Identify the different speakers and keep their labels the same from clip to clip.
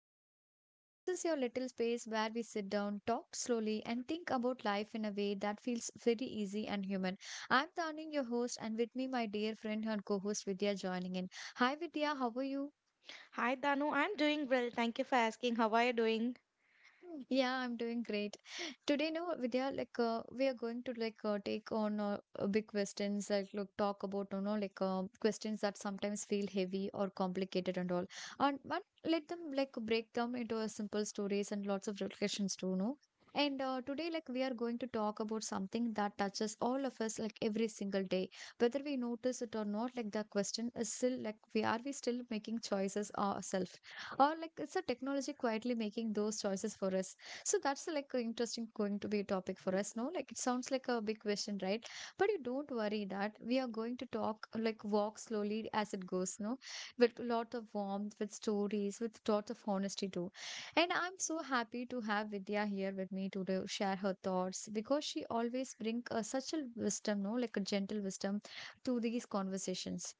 Speaker 1: us today. This is your little space where we sit down, talk slowly, and think about life in a way that feels very easy and human. I'm Tawning, your host, and with me, my dear friend and co host Vidya joining in. Hi, Vidya, how are you?
Speaker 2: Hi, Danu. I'm doing well. Thank you for asking. How are you doing?
Speaker 1: Yeah, I'm doing great. Today, no, Vidya, we are going to take on big questions, like look, talk about questions that sometimes feel heavy or complicated and all, and but let them like break down into a simple stories and lots of reflections too, no. And today, like we are going to talk about something that touches all of us, like every single day, whether we notice it or not. Like the question is still like we are we still making choices ourselves, or like it's a technology quietly making those choices for us. So that's like a interesting going to be a topic for us, no, like it sounds like a big question, right? But you don't worry that we are going to talk like walk slowly as it goes, no, with a lot of warmth, with stories, with lot of honesty too. And I'm so happy to have Vidya here with me to share her thoughts because she always brings such a wisdom, no, like a gentle wisdom to these conversations.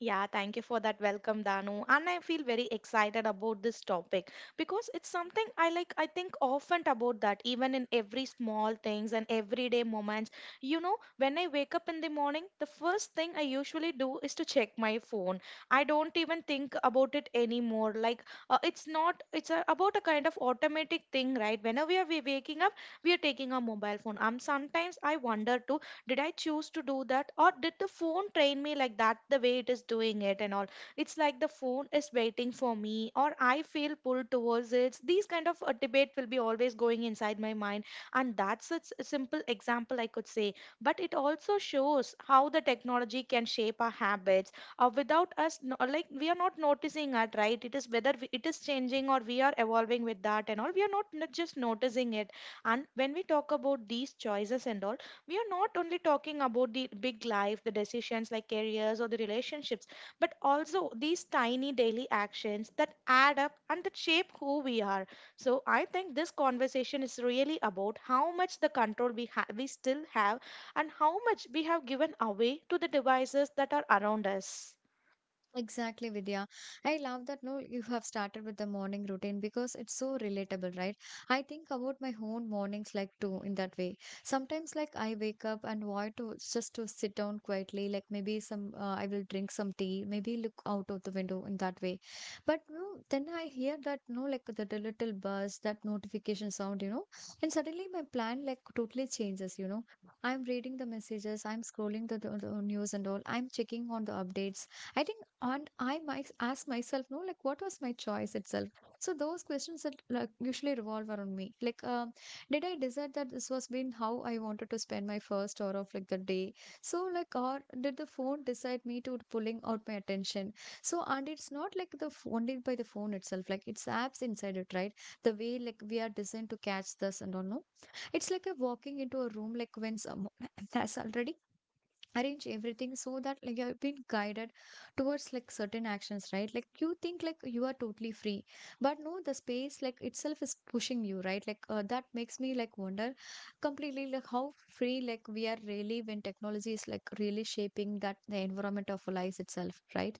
Speaker 2: Yeah, thank you for that welcome, Danu. And I feel very excited about this topic because it's something I I think often about that, even in every small things and everyday moments. You know, when I wake up in the morning, the first thing I usually do is to check my phone. I don't even think about it anymore. Like, it's not, It's about a kind of automatic thing, right? Whenever we are waking up, we are taking our mobile phone. Sometimes I wonder too, did I choose to do that or did the phone train me like that, the way it is doing it and all? It's like the phone is waiting for me or I feel pulled towards it. These kind of a debate will be always going inside my mind. And that's a a simple example I could say, but it also shows how the technology can shape our habits without us no- like we are not noticing it, right? It is whether it is changing or we are evolving with that and all, we are not just noticing it. And when we talk about these choices and all, we are not only talking about the big life, the decisions like careers or the relationships, but also these tiny daily actions that add up and that shape who we are. So I think this conversation is really about how much the control we we still have and how much we have given away to the devices that are around us.
Speaker 1: Exactly, Vidya. I love that, no, you have started with the morning routine because it's so relatable, right? I think about my own mornings like too in that way. Sometimes like I wake up and want to just to sit down quietly, like maybe some I will drink some tea, maybe look out of the window in that way. But no, then I hear that, no, like the little buzz, that notification sound, you know, and suddenly my plan like totally changes, you know. I'm reading the messages, I'm scrolling the news and all, I'm checking on the updates. I think and I might ask myself, no, like what was my choice itself. So those questions that like usually revolve around me like did I decide that this was been how I wanted to spend my first hour of like the day. So like, or did the phone decide me to pulling out my attention. So and it's not like only by the phone itself, like it's apps inside it, right? The way like we are designed to catch this and all, no, it's like a walking into a room like when someone has already arrange everything so that like you've been guided towards like certain actions, right? Like you think like you are totally free, but no, the space like itself is pushing you, right? That makes me like wonder completely like how free like we are really when technology is like really shaping that the environment of our lives itself, right?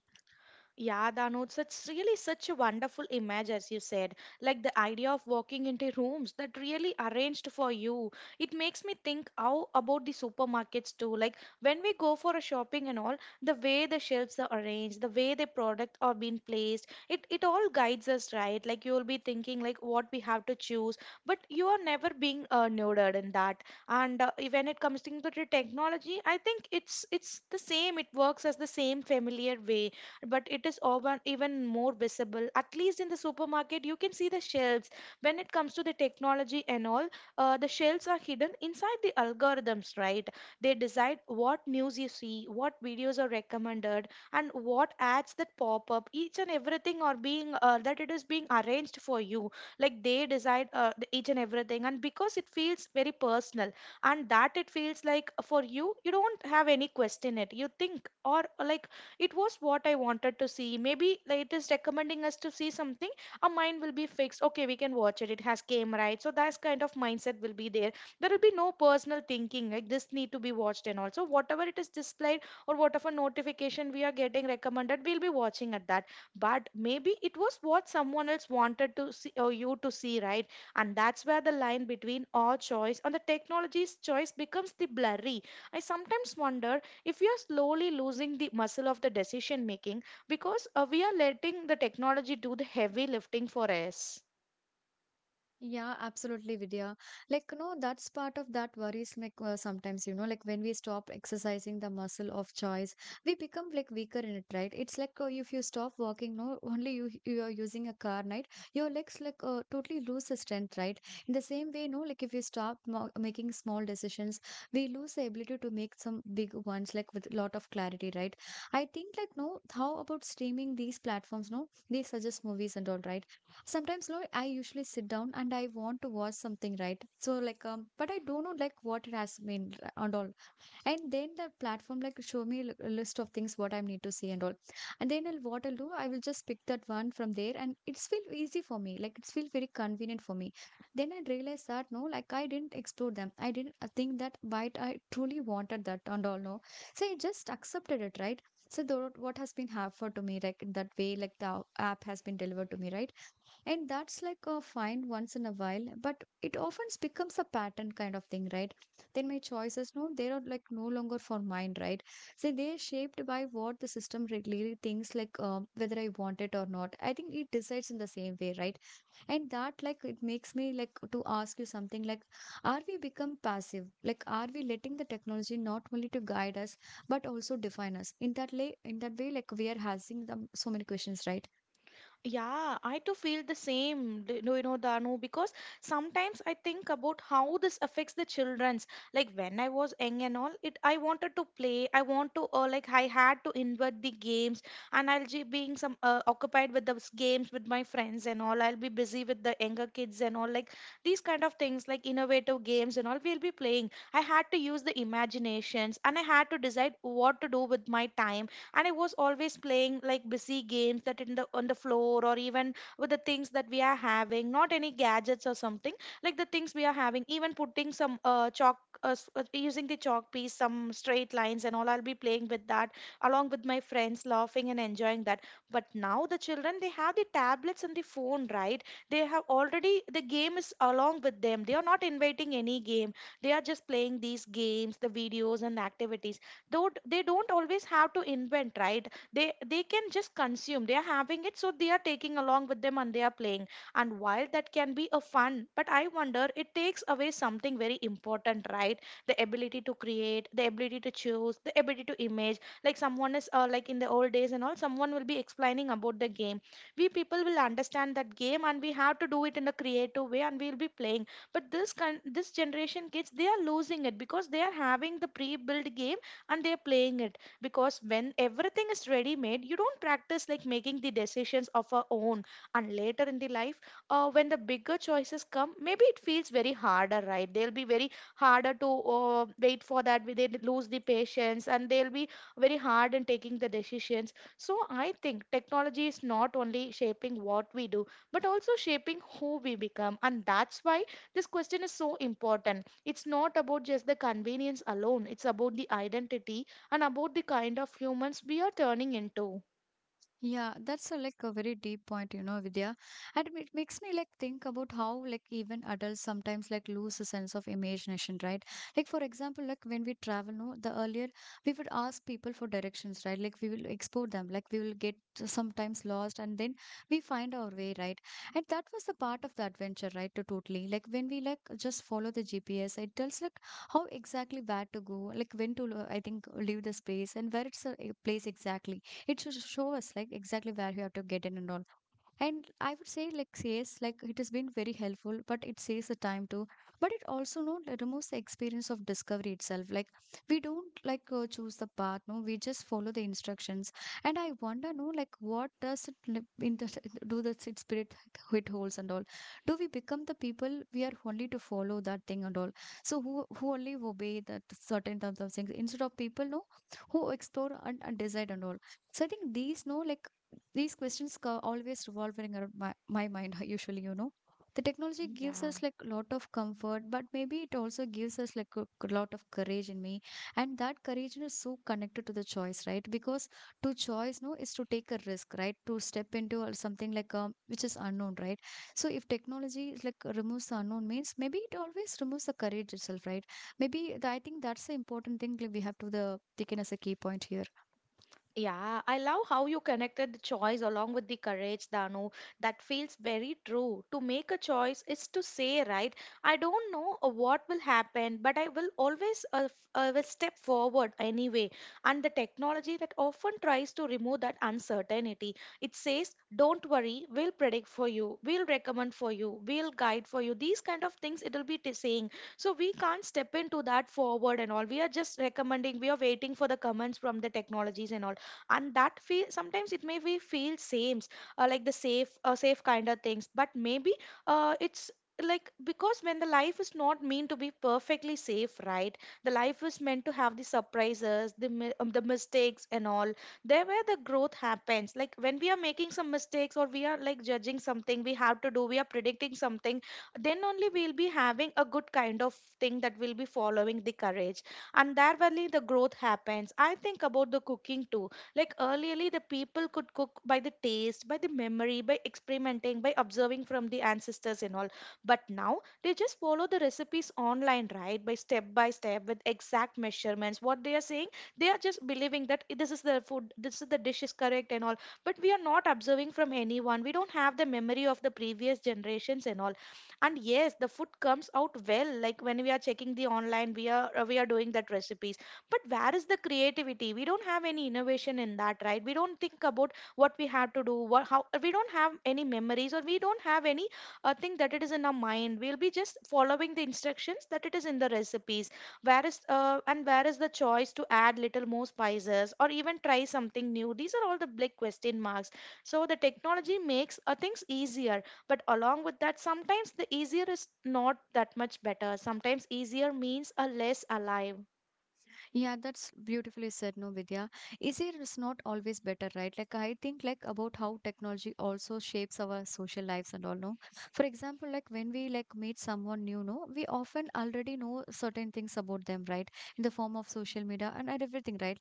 Speaker 2: Yeah, Danu, such really such a wonderful image, as you said. Like the idea of walking into rooms that really arranged for you. It makes me think how about the supermarkets too. Like when we go for a shopping and all, the way the shelves are arranged, the way the product are being placed, it all guides us, right? Like you will be thinking like what we have to choose, but you are never being nerded in that. And when it comes to the technology, I think it's the same. It works as the same familiar way, but it is over, even more visible. At least in the supermarket, you can see the shelves. When it comes to the technology and all, the shelves are hidden inside the algorithms, right? They decide what news you see, what videos are recommended, and what ads that pop up. Each and everything are being that it is being arranged for you. Like they decide each and everything, and because it feels very personal, and that it feels like for you, you don't have any question it. You think or like it was what I wanted to see. Maybe like, it is recommending us to see something, our mind will be fixed, okay, we can watch it, it has came, right? So that kind of mindset will be there. There will be no personal thinking like this need to be watched, and also whatever it is displayed or whatever notification we are getting recommended, we'll be watching at that. But maybe it was what someone else wanted to see or you to see, right? And that's where the line between our choice and the technology's choice becomes the blurry. I sometimes wonder if we are slowly losing the muscle of the decision making, because we are letting the technology do the heavy lifting for us.
Speaker 1: Yeah, absolutely, Vidya. Like, you know, that's part of that worries me sometimes, you know, like when we stop exercising the muscle of choice, we become like weaker in it, right? It's like if you stop walking, no, only you are using a car, right? Your legs like totally lose the strength, right? In the same way, no, like if you stop mo making small decisions, we lose the ability to make some big ones, like with a lot of clarity, right? I think like, no, how about streaming these platforms, no? They suggest movies and all, right? Sometimes no, I usually sit down and I want to watch something, right? So like but I don't know like what it has been and all. And then the platform like show me a list of things what I need to see and all. And then what I'll do, I will just pick that one from there and it's feel easy for me, like it's feel very convenient for me. Then I realized that, no, like I didn't explore them, I didn't think that but I truly wanted that and all, no. So I just accepted it, right? So what has been offered to me like in that way, like the app has been delivered to me, right? And that's like a find once in a while, but it often becomes a pattern kind of thing, right? Then my choices, no, they are like no longer for mine, right? So they're shaped by what the system really thinks, like whether I want it or not. I think it decides in the same way, right? And that, like, it makes me like to ask you something like, are we become passive? Like, are we letting the technology not only to guide us, but also define us? In that way, like we are having the, so many questions, right?
Speaker 2: Yeah, I too feel the same, you know, Danu, because sometimes I think about how this affects the children's. Like when I was young and all, it I wanted to play. I want to, like I had to invert the games, and I'll be being some occupied with those games with my friends and all. I'll be busy with the younger kids and all, like these kind of things, like innovative games and all. We'll be playing. I had to use the imaginations, and I had to decide what to do with my time, and I was always playing like busy games that in the on the floor or even with the things that we are having, not any gadgets or something, like the things we are having. Even putting some chalk, using the chalk piece, some straight lines and all. I'll be playing with that along with my friends, laughing and enjoying that. But now the children, they have the tablets and the phone, right? They have already the game is along with them. They are not inviting any game. They are just playing these games, the videos and activities. Though they don't always have to invent, right? They can just consume, they are having it, so they are taking along with them and they are playing. And while that can be a fun, but I wonder it takes away something very important, right? The ability to create, the ability to choose, the ability to image, like someone is like in the old days and all, someone will be explaining about the game, we people will understand that game and we have to do it in a creative way, and we will be playing. But this generation kids, they are losing it, because they are having the pre-built game, and they're playing it. Because when everything is ready made, you don't practice like making the decisions of our own. And later in the life, when the bigger choices come, maybe it feels very harder, right? They'll be very harder to wait for that. They lose the patience, and they'll be very hard in taking the decisions. So I think technology is not only shaping what we do, but also shaping who we become. And that's why this question is so important. It's not about just the convenience alone, it's about the identity and about the kind of humans we are turning into.
Speaker 1: Yeah, that's a, like a very deep point, you know, Vidya. And it makes me like think about how like even adults sometimes like lose a sense of imagination, right? Like for example, like when we travel, no, the earlier we would ask people for directions, right? Like we will explore them, like we will get sometimes lost and then we find our way, right? And that was the part of the adventure, right? To totally like when we like just follow the GPS, it tells like how exactly where to go, like when to, I think, leave the space and where it's a place exactly it should show us like exactly where you have to get in and all. And I would say like yes, like it has been very helpful, but it saves the time too. But it also, no, it removes the experience of discovery itself. Like we don't like choose the path, no, we just follow the instructions. And I wonder, no, like what does it in the, do the spirit it holds and all. Do we become the people we are only to follow that thing and all? So who only obey that certain types of things instead of people, no, who explore and decide and all. So I think these, no, like these questions are always revolving around my mind usually, you know. The technology gives
Speaker 2: Yeah.
Speaker 1: us like a lot of comfort, but maybe it also gives us like a lot of courage in me. And that courage is so connected to the choice, right? Because to choice, no, is to take a risk, right? To step into or something like which is unknown, right? So if technology is like removes the unknown means, maybe it always removes the courage itself, right? I think that's the important thing, like we have to the taken as a key point here.
Speaker 2: Yeah, I love how you connected the choice along with the courage, Danu. That feels very true. To make a choice is to say, right, I don't know what will happen, but I will always will step forward anyway. And the technology that often tries to remove that uncertainty. It says, don't worry, we'll predict for you, we'll recommend for you, we'll guide for you. These kind of things it'll be saying. So we can't step into that forward and all. We are just recommending, we are waiting for the comments from the technologies and all, and that feel sometimes it may be feel same, like the safe, safe kind of things, but maybe it's like, because when the life is not meant to be perfectly safe, right? The life is meant to have the surprises, the the mistakes and all. There where the growth happens, like when we are making some mistakes or we are like judging something we have to do, we are predicting something, then only we'll be having a good kind of thing that will be following the courage, and there only the growth happens. I think about the cooking too. Like earlierly, the people could cook by the taste, by the memory, by experimenting, by observing from the ancestors and all. But now they just follow the recipes online, right? By step with exact measurements. What they are saying, they are just believing that, "Eh, this is the food, this is the dish is correct and all." But we are not observing from anyone. We don't have the memory of the previous generations and all. And yes, the food comes out well, like when we are checking the online, we are doing that recipes, but where is the creativity? We don't have any innovation in that, right? We don't think about what we have to do, what how, we don't have any memories, or we don't have any thing that it is in our mind. We'll be just following the instructions that it is in the recipes. Where is and where is the choice to add little more spices or even try something new? These are all the big question marks. So the technology makes things easier, but along with that, sometimes the easier is not that much better. Sometimes easier means a less alive.
Speaker 1: Yeah, that's beautifully said, no, Vidya. Easier is not always better, right? Like I think like about how technology also shapes our social lives and all, no. For example, like when we like meet someone new, no, we often already know certain things about them, right? In the form of social media and everything, right?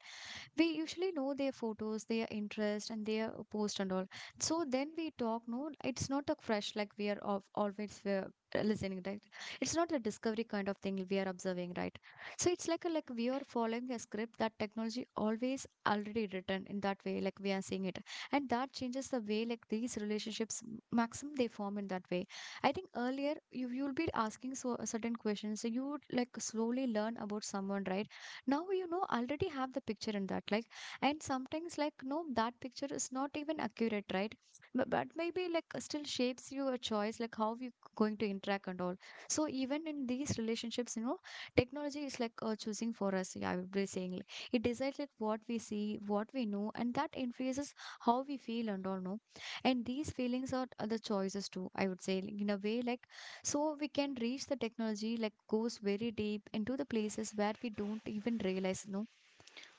Speaker 1: We usually know their photos, their interest and their post and all. So then we talk, no, it's not a fresh, like we are of always listening, right? It's not a discovery kind of thing, we are observing, right? So it's like like we are following a script that technology always already written in that way, like we are seeing it. And that changes the way like these relationships maximum they form in that way. I think earlier you'll be asking so certain questions, so you would like slowly learn about someone, right? Now you know already have the picture in that like. And sometimes like, no, that picture is not even accurate, right? But maybe like still shapes you a choice like how you going to interact and all. So even in these relationships you know, technology is like choosing for us. Yeah, I would be saying like, it decides like what we see, what we know, and that influences how we feel and all, no. And these feelings are the choices too, I would say like, in a way like. So we can reach the technology like goes very deep into the places where we don't even realize, no?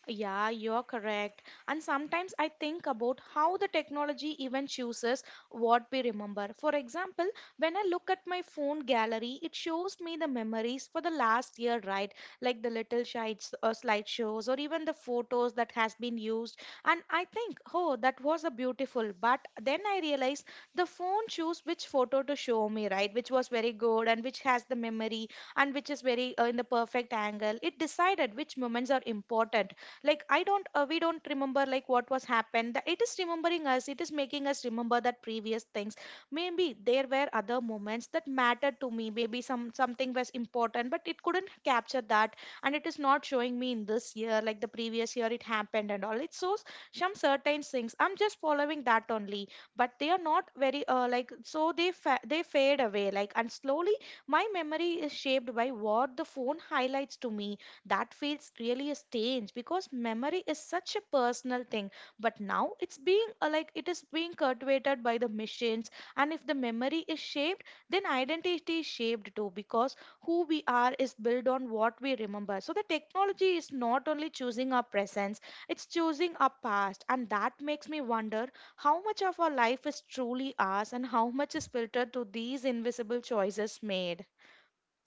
Speaker 2: Yeah, you're correct. And sometimes I think about how the technology even chooses what we remember. For example, when I look at my phone gallery, it shows me the memories for the last year, right? Like the little slides or slideshows or even the photos that has been used. And I think, oh, that was a beautiful. But then I realize the phone choose which photo to show me, right? Which was very good and which has the memory and which is very in the perfect angle. It decided which moments are important. Like I don't we don't remember like what was happened. That it is remembering us, it is making us remember that previous things. Maybe there were other moments that mattered to me, maybe something was important but it couldn't capture that, and it is not showing me in this year like the previous year it happened and all. It shows some certain things, I'm just following that only. But they are not very so they fade away like, and slowly my memory is shaped by what the phone highlights to me. That feels really strange because memory is such a personal thing. But now it is being cultivated by the machines. And if the memory is shaped, then identity is shaped too, because who we are is built on what we remember. So the technology is not only choosing our presence, it's choosing our past, and that makes me wonder how much of our life is truly ours and how much is filtered through these invisible choices made.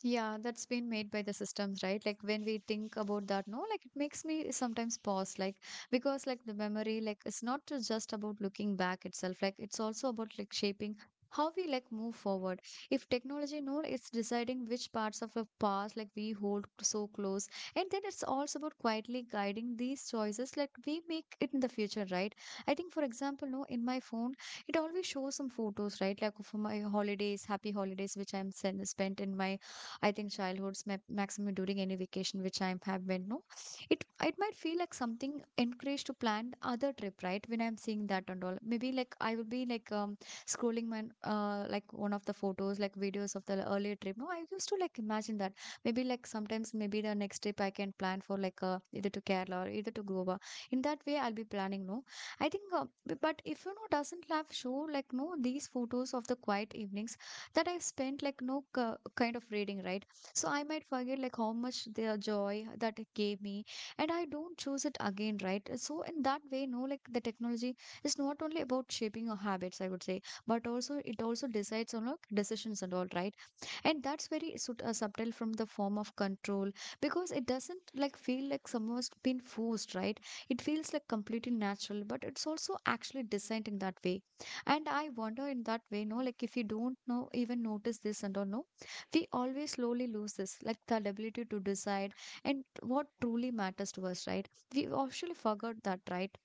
Speaker 1: Yeah, that's been made by the systems, right? Like when we think about that, no, like it makes me sometimes pause, like because like the memory, like it's not just about looking back itself, like it's also about like shaping how we like move forward. If technology, no, it's deciding which parts of the past like we hold so close, and then it's also about quietly guiding these choices like we make it in the future, right? I think, for example, no, in my phone, it always shows some photos, right? Like for my holidays, happy holidays, which I'm spent in my I think childhood's maximum during any vacation which I have been, no, it might feel like something encouraged to plan other trip, right? When I'm seeing that and all, maybe like I will be like scrolling my like one of the photos, like videos of the earlier trip. No, I used to like imagine that maybe like sometimes maybe the next trip I can plan for like either to Kerala or either to Goa. In that way, I'll be planning. No, I think, but if you know doesn't have show like no these photos of the quiet evenings that I've spent like no kind of reading, right? So I might forget like how much their joy that it gave me, and I don't choose it again, right? So in that way, no, like the technology is not only about shaping your habits, I would say, but also it also decides on like decisions and all, right? And that's very subtle from the form of control, because it doesn't like feel like someone's been forced, right? It feels like completely natural, but it's also actually designed in that way. And I wonder in that way, no, like if you don't know even notice this and or no, we always slowly lose this like the ability to decide and what truly matters to us, right? We actually forgot that, right?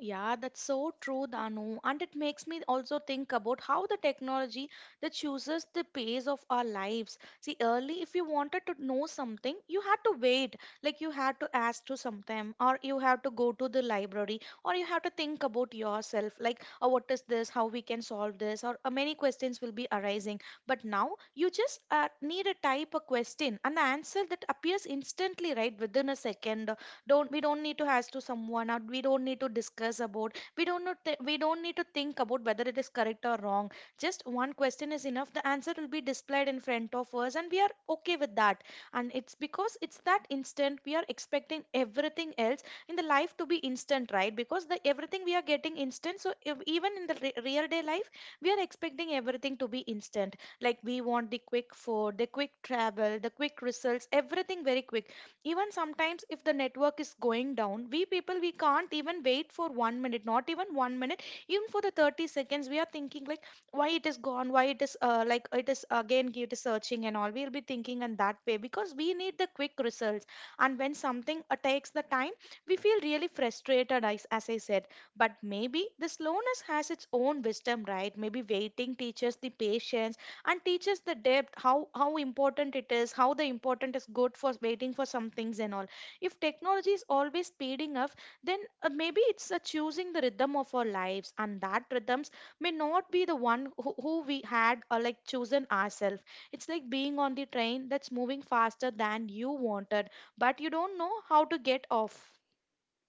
Speaker 2: Yeah, that's so true, Danu. And it makes me also think about how the technology that chooses the pace of our lives. See, early, if you wanted to know something, you had to wait. Like you had to ask to sometime, or you have to go to the library, or you have to think about yourself, like, oh, what is this? How we can solve this? Or many questions will be arising. But now you just need to type a question, and the answer that appears instantly, right, within a second. Don't We don't need to ask to someone, or we don't need to discuss about, we don't know we don't need to think about whether it is correct or wrong. Just one question is enough, the answer will be displayed in front of us, and we are okay with that. And it's because it's that instant, we are expecting everything else in the life to be instant, right? Because the everything we are getting instant. So if, even in the real day life we are expecting everything to be instant. Like we want the quick food, the quick travel, the quick results, everything very quick. Even sometimes if the network is going down, we people, we can't even wait for 1 minute, not even 1 minute. Even for the 30 seconds we are thinking like, why it is gone, why it is it is again, it is searching and all, we'll be thinking in that way because we need the quick results. And when something takes the time, we feel really frustrated, as I said. But maybe the slowness has its own wisdom, right? Maybe waiting teaches the patience and teaches the depth, how important it is, how the important is good for waiting for some things and all. If technology is always speeding up, then maybe it's choosing the rhythm of our lives, and that rhythms may not be the one who we had or like chosen ourselves. It's like being on the train that's moving faster than you wanted, but you don't know how to get off.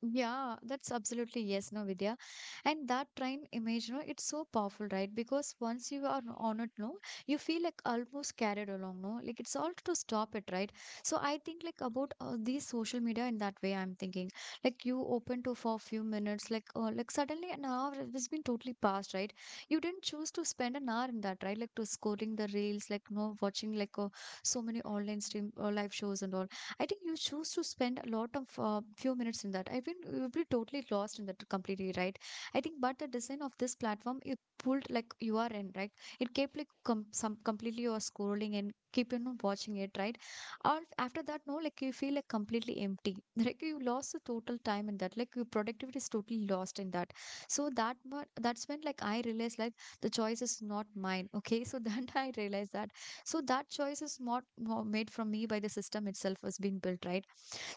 Speaker 1: Yeah, that's absolutely yes, no, Vidya. And that train image, no, it's so powerful, right? Because once you are on it, no, you feel like almost carried along, no? Like it's all to stop it, right? So I think like about these social media in that way, I'm thinking. Like you open to for a few minutes, like suddenly an hour has been totally passed, right? You didn't choose to spend an hour in that, right? Like to scoring the reels, like no watching like so many online stream live shows and all. I think you choose to spend a lot of few minutes in that. I think you'll be totally lost in that completely, right? I think, but the design of this platform, it pulled like you are in, right? It kept like some completely you are scrolling and keep watching it, right? Or after that, no, like you feel like completely empty. Like you lost the total time in that. Like your productivity is totally lost in that. So that that's when like I realized like the choice is not mine. Okay, so then I realized that so that choice is not made from me by the system itself has been built, right?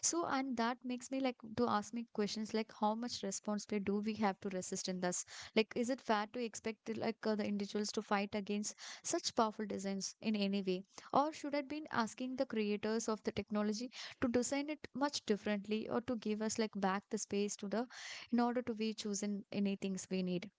Speaker 1: So and that makes me like to ask me questions like how much responsibility do we have to resist in this, like is it fair to expect like the individuals to fight against such powerful designs in any way, or should I be asking the creators of the technology to design it much differently or to give us like back the space to the in order to be chosen any things we need?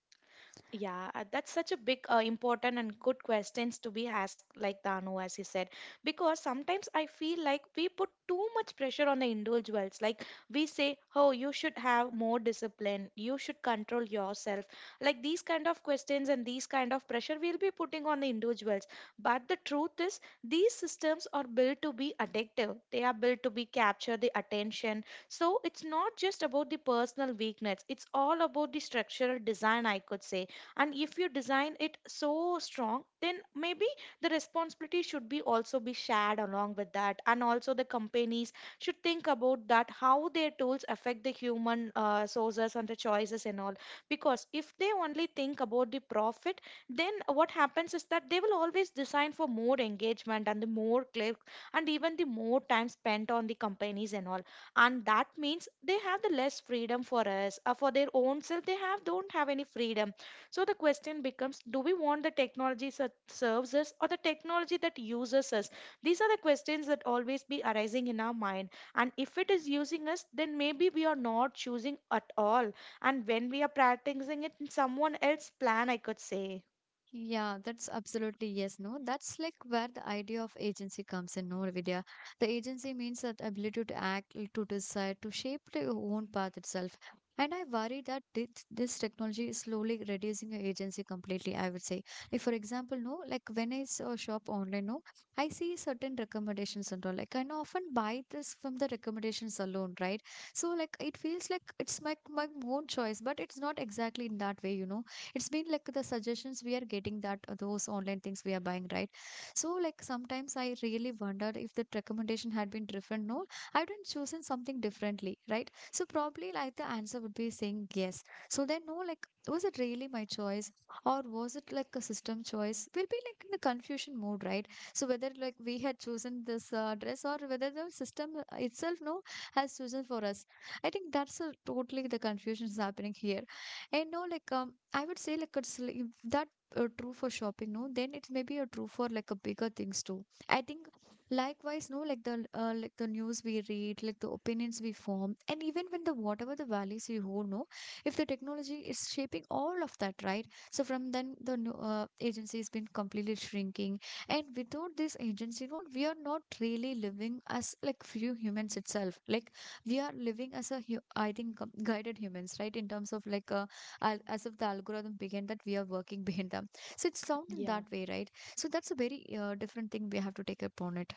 Speaker 2: Yeah, that's such a big, important, and good questions to be asked, like Danu, as he said. Because sometimes I feel like we put too much pressure on the individuals. Like we say, "Oh, you should have more discipline. You should control yourself." Like these kind of questions and these kind of pressure we'll be putting on the individuals. But the truth is, these systems are built to be addictive. They are built to be capture the attention. So it's not just about the personal weakness. It's all about the structural design, I could say. And if you design it so strong, then maybe the responsibility should be also be shared along with that, and also the companies should think about that, how their tools affect the human sources and the choices and all. Because if they only think about the profit, then what happens is that they will always design for more engagement and the more clicks and even the more time spent on the companies and all. And that means they have the less freedom for us, for their own self they have don't have any freedom. So the question becomes, do we want the technology that serves us or the technology that uses us? These are the questions that always be arising in our mind. And if it is using us, then maybe we are not choosing at all. And when we are practicing it in someone else's plan, I could say.
Speaker 1: Yeah, that's absolutely yes. No, that's like where the idea of agency comes in, no, Vidya. The agency means that ability to act, to decide, to shape your own path itself. And I worry that this technology is slowly reducing your agency completely, I would say. Like, for example, no, like when I shop online, no, I see certain recommendations and all. Like, I know often buy this from the recommendations alone, right? So, like, it feels like it's my own choice. But it's not exactly in that way. It's been like the suggestions we are getting that those online things we are buying, right? So like sometimes I really wondered if the recommendation had been different, no, I would have chosen something differently, right? So probably like the answer would be saying yes. So then, no, like was it really my choice, or was it like a system choice? We'll be like in the confusion mode, right? So whether like we had chosen this dress or whether the system itself no has chosen for us. I think that's a, totally the confusion is happening here. And no like I would say like it's like, if that true for shopping, no, then it's maybe a true for like a bigger things too. I think likewise, no, like the news we read, like the opinions we form, and even when the whatever the values we hold, no, if the technology is shaping all of that, right? So from then the agency has been completely shrinking, and without this agency, no, we are not really living as like few humans itself. Like we are living as a I think guided humans, right? In terms of like a as if the algorithm behind that we are working behind them, so it's sound in
Speaker 2: Yeah,
Speaker 1: that way, right? So that's a very different thing we have to take upon it.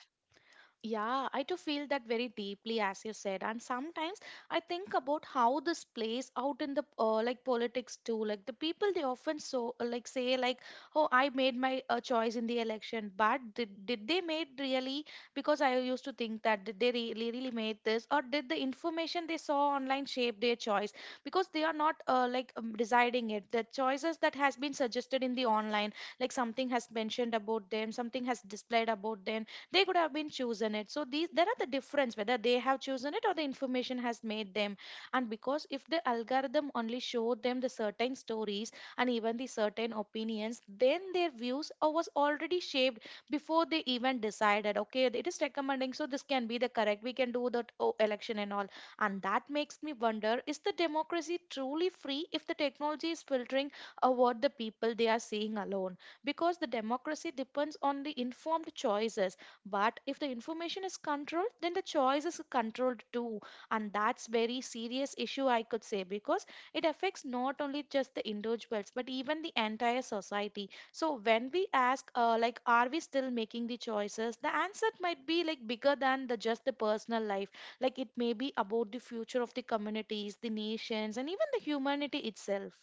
Speaker 2: yeah, I too feel that very deeply, as you said. And sometimes I think about how this plays out in the politics too. Like the people, they often so like say like, "Oh, I made my choice in the election," but did they made really? Because I used to think that did they really really made this, or did the information they saw online shape their choice? Because they are not deciding it. The choices that has been suggested in the online, like something has mentioned about them, something has displayed about them, they could have been chosen it. So these there are the difference whether they have chosen it or the information has made them. And because if the algorithm only showed them the certain stories and even the certain opinions, then their views are- was already shaped before they even decided, okay, it is recommending, so this can be the correct, we can do that, oh, election and all. And that makes me wonder, is the democracy truly free if the technology is filtering what the people they are seeing alone? Because the democracy depends on the informed choices, but if the information is controlled, then the choice is controlled too. And that's very serious issue, I could say, because it affects not only just the individuals, but even the entire society. So when we ask, like, are we still making the choices? The answer might be like bigger than the just the personal life. Like it may be about the future of the communities, the nations, and even the humanity itself.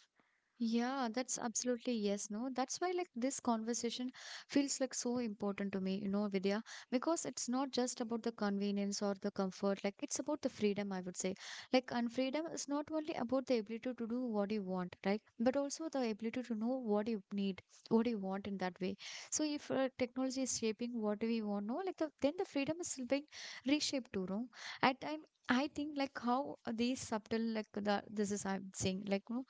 Speaker 1: Yeah, that's absolutely yes, no. That's why like this conversation feels like so important to me, Vidya, because it's not just about the convenience or the comfort, like it's about the freedom, I would say. Like and freedom is not only about the ability to do what you want, right? But also the ability to know what you need, what you want in that way. So if technology is shaping what we want, no, like then the freedom is still being reshaped too, no? At and I think like how these subtle like the this is I'm saying like no,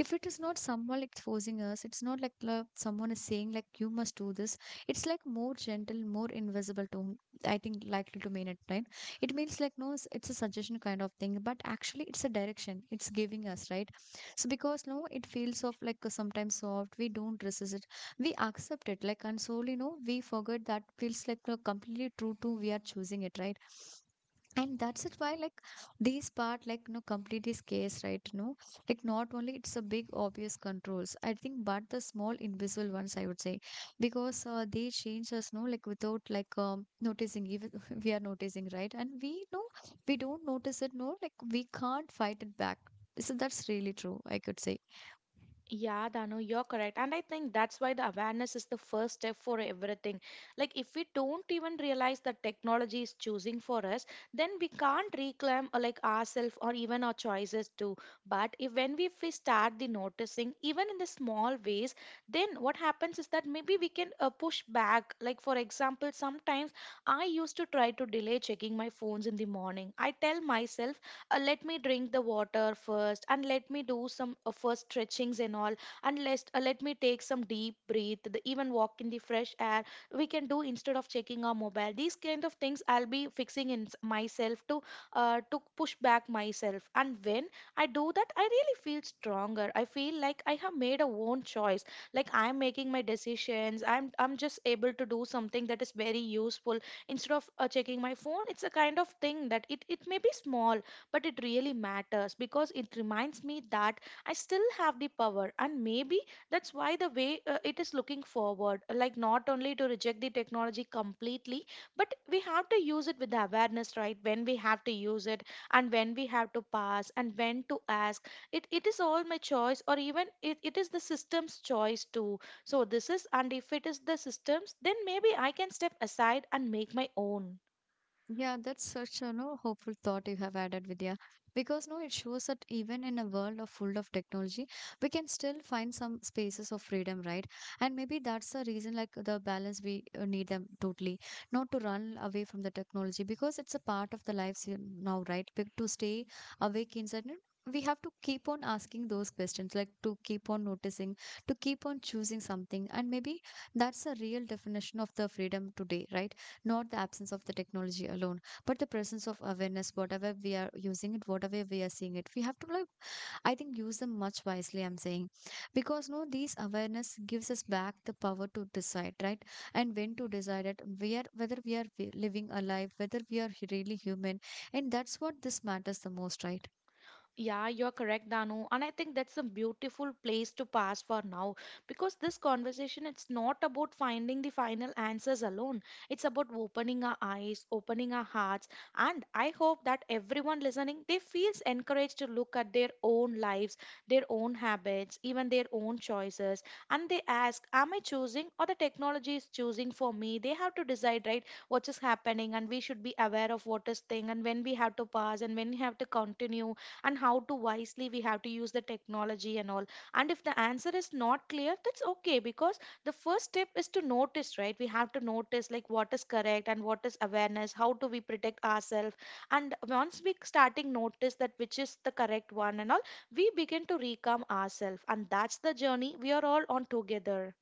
Speaker 1: if it is not someone like forcing us, it's not like someone is saying like you must do this. It's like more gentle, more invisible tone. I think likely to mean it, right? It means like no it's a suggestion kind of thing, but actually it's a direction it's giving us, right? So because no it feels of like sometimes soft we don't resist it. We accept it like and slowly no we forget that feels like no, completely true to we are choosing it, right? And that's it why like these part like no completely scarce, right? No, like not only it's a big obvious controls, I think, but the small invisible ones, I would say, because they change us no like without like noticing even we are noticing, right? And we know we don't notice it, no, like we can't fight it back. So that's really true, I could say.
Speaker 2: Yeah, Dano, you're correct. And I think that's why the awareness is the first step for everything. Like, if we don't even realize that technology is choosing for us, then we can't reclaim ourselves or even our choices too. But if when we, if we start the noticing, even in the small ways, then what happens is that maybe we can push back. Like, for example, sometimes I used to try to delay checking my phones in the morning. I tell myself, let me drink the water first, and let me do some first stretchings and all, and let me take some deep breath the, even walk in the fresh air we can do instead of checking our mobile. These kind of things I'll be fixing in myself to push back myself. And when I do that, I really feel stronger, I feel like I have made a own choice. Like I'm making my decisions, i'm just able to do something that is very useful instead of checking my phone. It's a kind of thing that it may be small, but it really matters, because it reminds me that I still have the power. And maybe that's why the way it is looking forward, like not only to reject the technology completely, but we have to use it with the awareness, right? When we have to use it and when we have to pass and when to ask. It is all my choice, or even it is the system's choice too. So, this is, and if it is the system's, then maybe I can step aside and make my own.
Speaker 1: Yeah, that's such a no hopeful thought you have added, Vidya. Because no, it shows that even in a world of full of technology, we can still find some spaces of freedom, right? And maybe that's the reason, like the balance we need them totally, not to run away from the technology because it's a part of the lives here now, right? But to stay awake inside. And we have to keep on asking those questions, like to keep on noticing, to keep on choosing something. And maybe that's a real definition of the freedom today, right? Not the absence of the technology alone, but the presence of awareness. Whatever we are using it, whatever we are seeing it, we have to like I think use them much wisely, I'm saying, because no these awareness gives us back the power to decide, right? And when to decide it, where whether we are living a life, whether we are really human, and that's what this matters the most, right?
Speaker 2: Yeah, you're correct, Danu. And I think that's a beautiful place to pass for now, because this conversation, it's not about finding the final answers alone. It's about opening our eyes, opening our hearts. And I hope that everyone listening, they feels encouraged to look at their own lives, their own habits, even their own choices. And they ask, am I choosing or the technology is choosing for me? They have to decide, right, what is happening and we should be aware of what is thing, and when we have to pause and when we have to continue, and how to wisely we have to use the technology and all. And if the answer is not clear, that's okay, because the first step is to notice, right? We have to notice like what is correct and what is awareness, how do we protect ourselves. And once we starting notice that which is the correct one and all, we begin to recalm ourselves, and that's the journey we are all on together.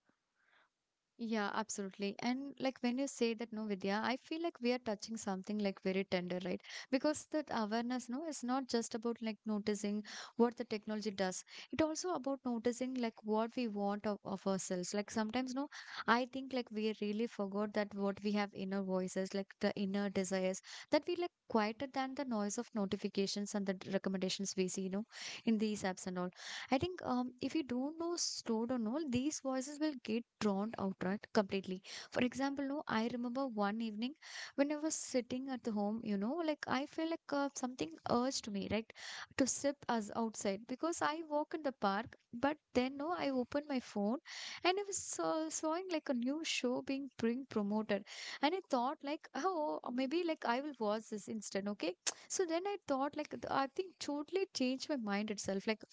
Speaker 1: Yeah, absolutely. And like when you say that, no, Vidya, I feel like we are touching something like very tender, right? Because that awareness, no, it's not just about like noticing what the technology does. It also about noticing like what we want of ourselves. Like sometimes, no, I think like we really forgot that what we have inner voices, like the inner desires that we like quieter than the noise of notifications and the recommendations we see, in these apps and all. I think if you don't know slow down, all these voices will get drowned out, right, completely. For example, no, I remember one evening when I was sitting at the home, like I feel like something urged me, right, to sip us outside because I walk in the park. But then, no, I opened my phone and I was sawing like a new show being promoted, and I thought like, oh, maybe like I will watch this instead, okay. So then I thought like I think totally changed my mind itself. Like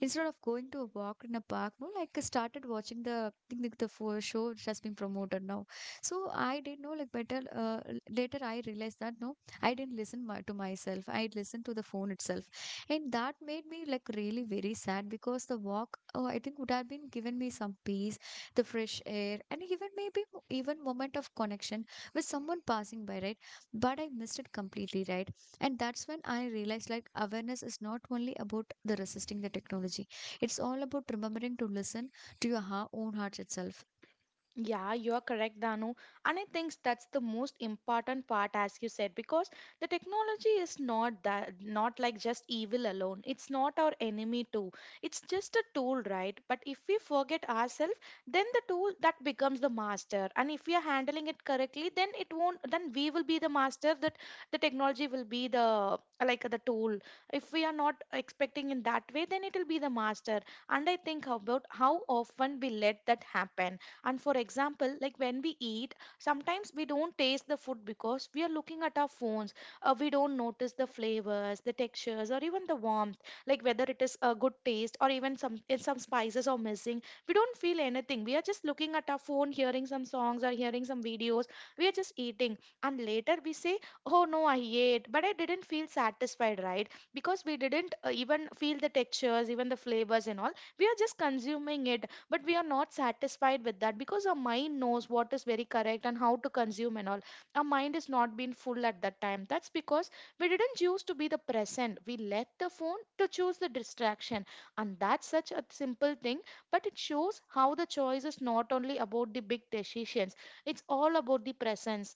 Speaker 1: instead of going to a walk in a park, no, like I started watching the, I think, like the for show which has been promoted now. So I didn't know like better. Later I realized that no, I didn't listen my, to myself. I listened to the phone itself, and that made me like really very sad because the walk, oh, I think would have been given me some peace, the fresh air, and even maybe even moment of connection with someone passing by, right, but I missed it completely, right. And that's when I realized like awareness is not only about the resisting the technology. It's all about remembering to listen to your own heart itself.
Speaker 2: Yeah, you are correct, Danu. And I think that's the most important part, as you said, because the technology is not that, not like just evil alone. It's not our enemy too. It's just a tool, right? But if we forget ourselves, then the tool that becomes the master. And if we are handling it correctly, then it won't. Then we will be the master. That the technology will be the like the tool. If we are not expecting in that way, then it will be the master. And I think about how often we let that happen. And for example, like when we eat sometimes we don't taste the food because we are looking at our phones. We don't notice the flavors, the textures, or even the warmth, like whether it is a good taste or even some, if some spices are missing. We don't feel anything. We are just looking at our phone, hearing some songs or hearing some videos. We are just eating. And later we say, oh no, I ate but I didn't feel satisfied, right? Because we didn't even feel the textures, even the flavors and all. We are just consuming it, but we are not satisfied with that, because our mind knows what is very correct and how to consume and all. Our mind is not been full at that time. That's because we didn't choose to be the present. We let the phone to choose the distraction. And that's such a simple thing, but it shows how the choice is not only about the big decisions. It's all about the presence.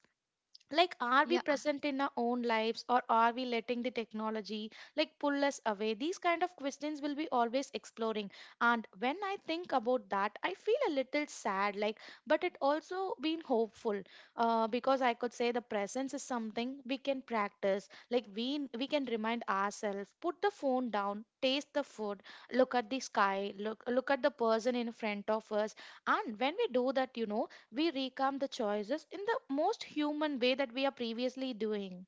Speaker 2: Like, are we
Speaker 1: Yeah.
Speaker 2: present in our own lives, or are we letting the technology like pull us away? These kind of questions will be always exploring. And when I think about that, I feel a little sad, like, but it also been hopeful. Because I could say the presence is something we can practice. Like we can remind ourselves, put the phone down, taste the food, look at the sky, look at the person in front of us. And when we do that, you know, we recount the choices in the most human way that we are previously doing.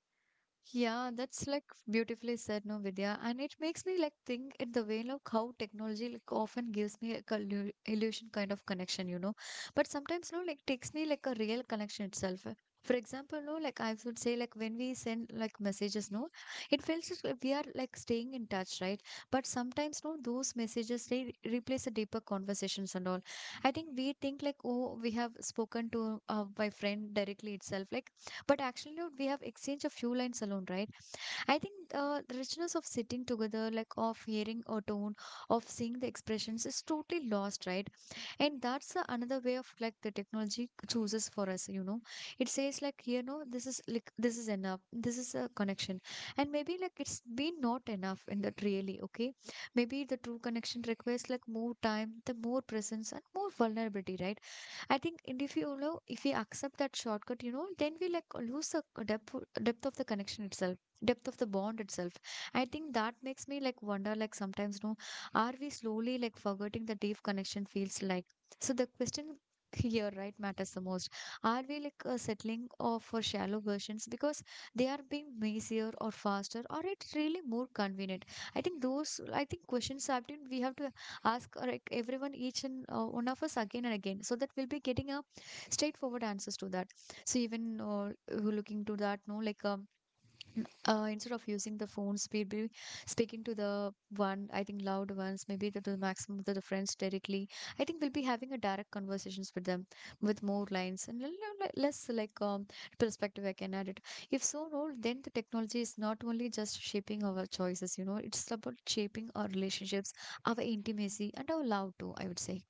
Speaker 1: Yeah, that's like beautifully said, no, Vidya. And it makes me like think in the way of how technology like often gives me like a illusion kind of connection, you know. But sometimes, no, like takes me like a real connection itself. For example, no, like I would say, like when we send like messages, no, it feels just like we are like staying in touch, right? But sometimes, no, those messages they replace the deeper conversations and all. I think we think like, oh, we have spoken to my friend directly itself, like but actually, not we have exchanged a few lines alone, right? I think the richness of sitting together, like of hearing a tone, of seeing the expressions, is totally lost, right? And that's the another way of like the technology chooses for us, you know. It says like here, no, this is like this is enough. This is a connection, and maybe like it's been not enough in that really. Okay, maybe the true connection requires like more time, the more presence, and more vulnerability, right? I think and if you know if we accept that shortcut, you know, then we like lose the depth, depth of the connection itself, depth of the bond itself. I think that makes me like wonder like sometimes, no, are we slowly like forgetting the deep connection feels like? So the question here, right, matters the most. Are we like settling for shallow versions because they are being messier or faster or it's really more convenient? I think those, I think questions have been we have to ask like everyone, each and one of us again and again so that we'll be getting a straightforward answers to that. So even looking to that, no, like instead of using the phones, we'd be speaking to the one, I think loud ones, maybe to the maximum, to the friends directly. I think we'll be having a direct conversations with them with more lines and less like perspective I can add it. If so, no, then the technology is not only just shaping our choices, you know, it's about shaping our relationships, our intimacy, and our love too, I would say.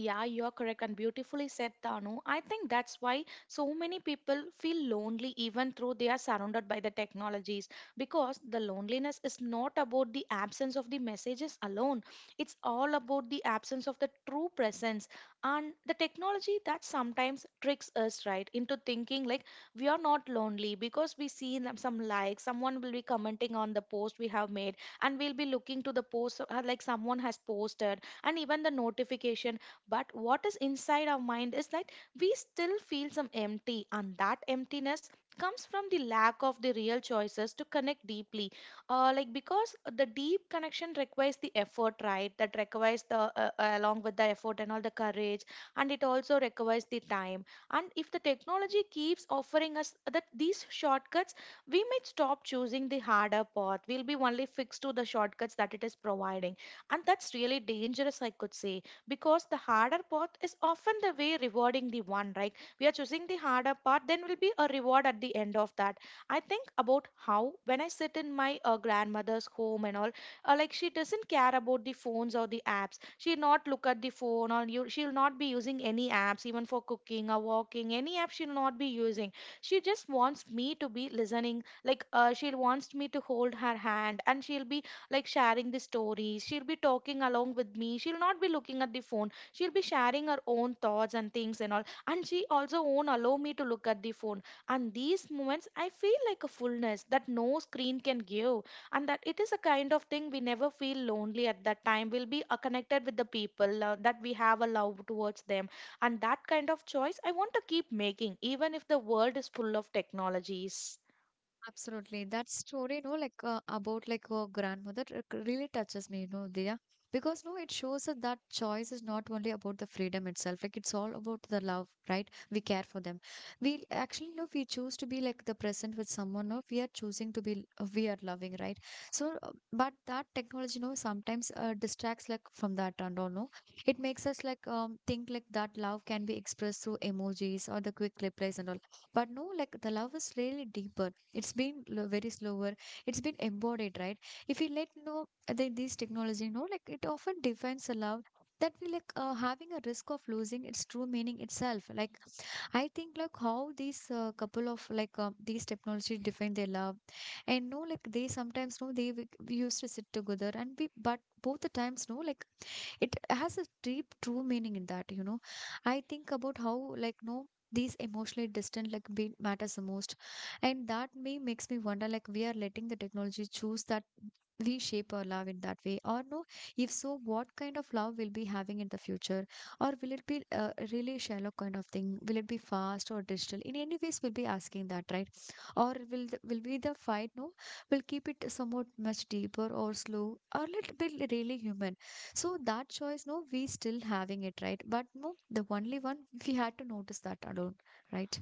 Speaker 2: Yeah, you're correct and beautifully said, Tanu. I think that's why so many people feel lonely even though they are surrounded by the technologies, because the loneliness is not about the absence of the messages alone. It's all about the absence of the true presence. And the technology that sometimes tricks us right into thinking like we are not lonely, because we see them- some likes, someone will be commenting on the post we have made, and we'll be looking to the post, like someone has posted, and even the notification. But what is inside our mind is that we still feel some empty, and that emptiness comes from the lack of the real choices to connect deeply. Like because the deep connection requires the effort, right? That requires the along with the effort and all the courage, and it also requires the time. And if the technology keeps offering us that these shortcuts, we might stop choosing the harder path. We'll be only fixed to the shortcuts that it is providing, and that's really dangerous, I could say, because the harder path is often the way rewarding the one, right? We are choosing the harder path, then will be a reward at the end of that. I think about how when I sit in my grandmother's home and all. Like, she doesn't care about the phones or the apps. She'll not look at the phone or you, she'll not be using any apps. Even for cooking or walking any app, she'll not be using. She just wants me to be listening, like she wants me to hold her hand, and she'll be like sharing the stories. She'll be talking along with me. She'll not be looking at the phone. She'll be sharing her own thoughts and things and all. And she also won't allow me to look at the phone. And these moments, I feel like a fullness that no screen can give. And that it is a kind of thing, we never feel lonely at that time. We'll be connected with the people that we have a love towards them. And that kind of choice I want to keep making, even if the world is full of technologies.
Speaker 1: Absolutely. That story, you know, like about like her grandmother, it really touches me, you know, Diya. Because no, it shows us that choice is not only about the freedom itself. Like it's all about the love, right? We care for them. We actually know we choose to be like the present with someone, or we are choosing to be we are loving, right? So, but that technology, you know, sometimes distracts like from that and all. No, it makes us like think like that love can be expressed through emojis or the quick replies and all. But no, like the love is really deeper, it's been very slower, it's been embodied, right? If we let know the, this technology know, like it often defines a love that we like having a risk of losing its true meaning itself. Like I think like how these couple of like these technology define their love, and no like they sometimes know they we used to sit together and we, but both the times, no, like it has a deep true meaning in that, you know. I think about how like no these emotionally distant like be matters the most, and that may makes me wonder like we are letting the technology choose that, we shape our love in that way or no. If so, what kind of love we'll be having in the future, or will it be a really shallow kind of thing, will it be fast or digital in any ways, we'll be asking that, right? Or will the, will be the fight no, will keep it somewhat much deeper or slow, or let it be really human. So that choice, no, we still having it, right? But no, the only one we had to notice that alone, right?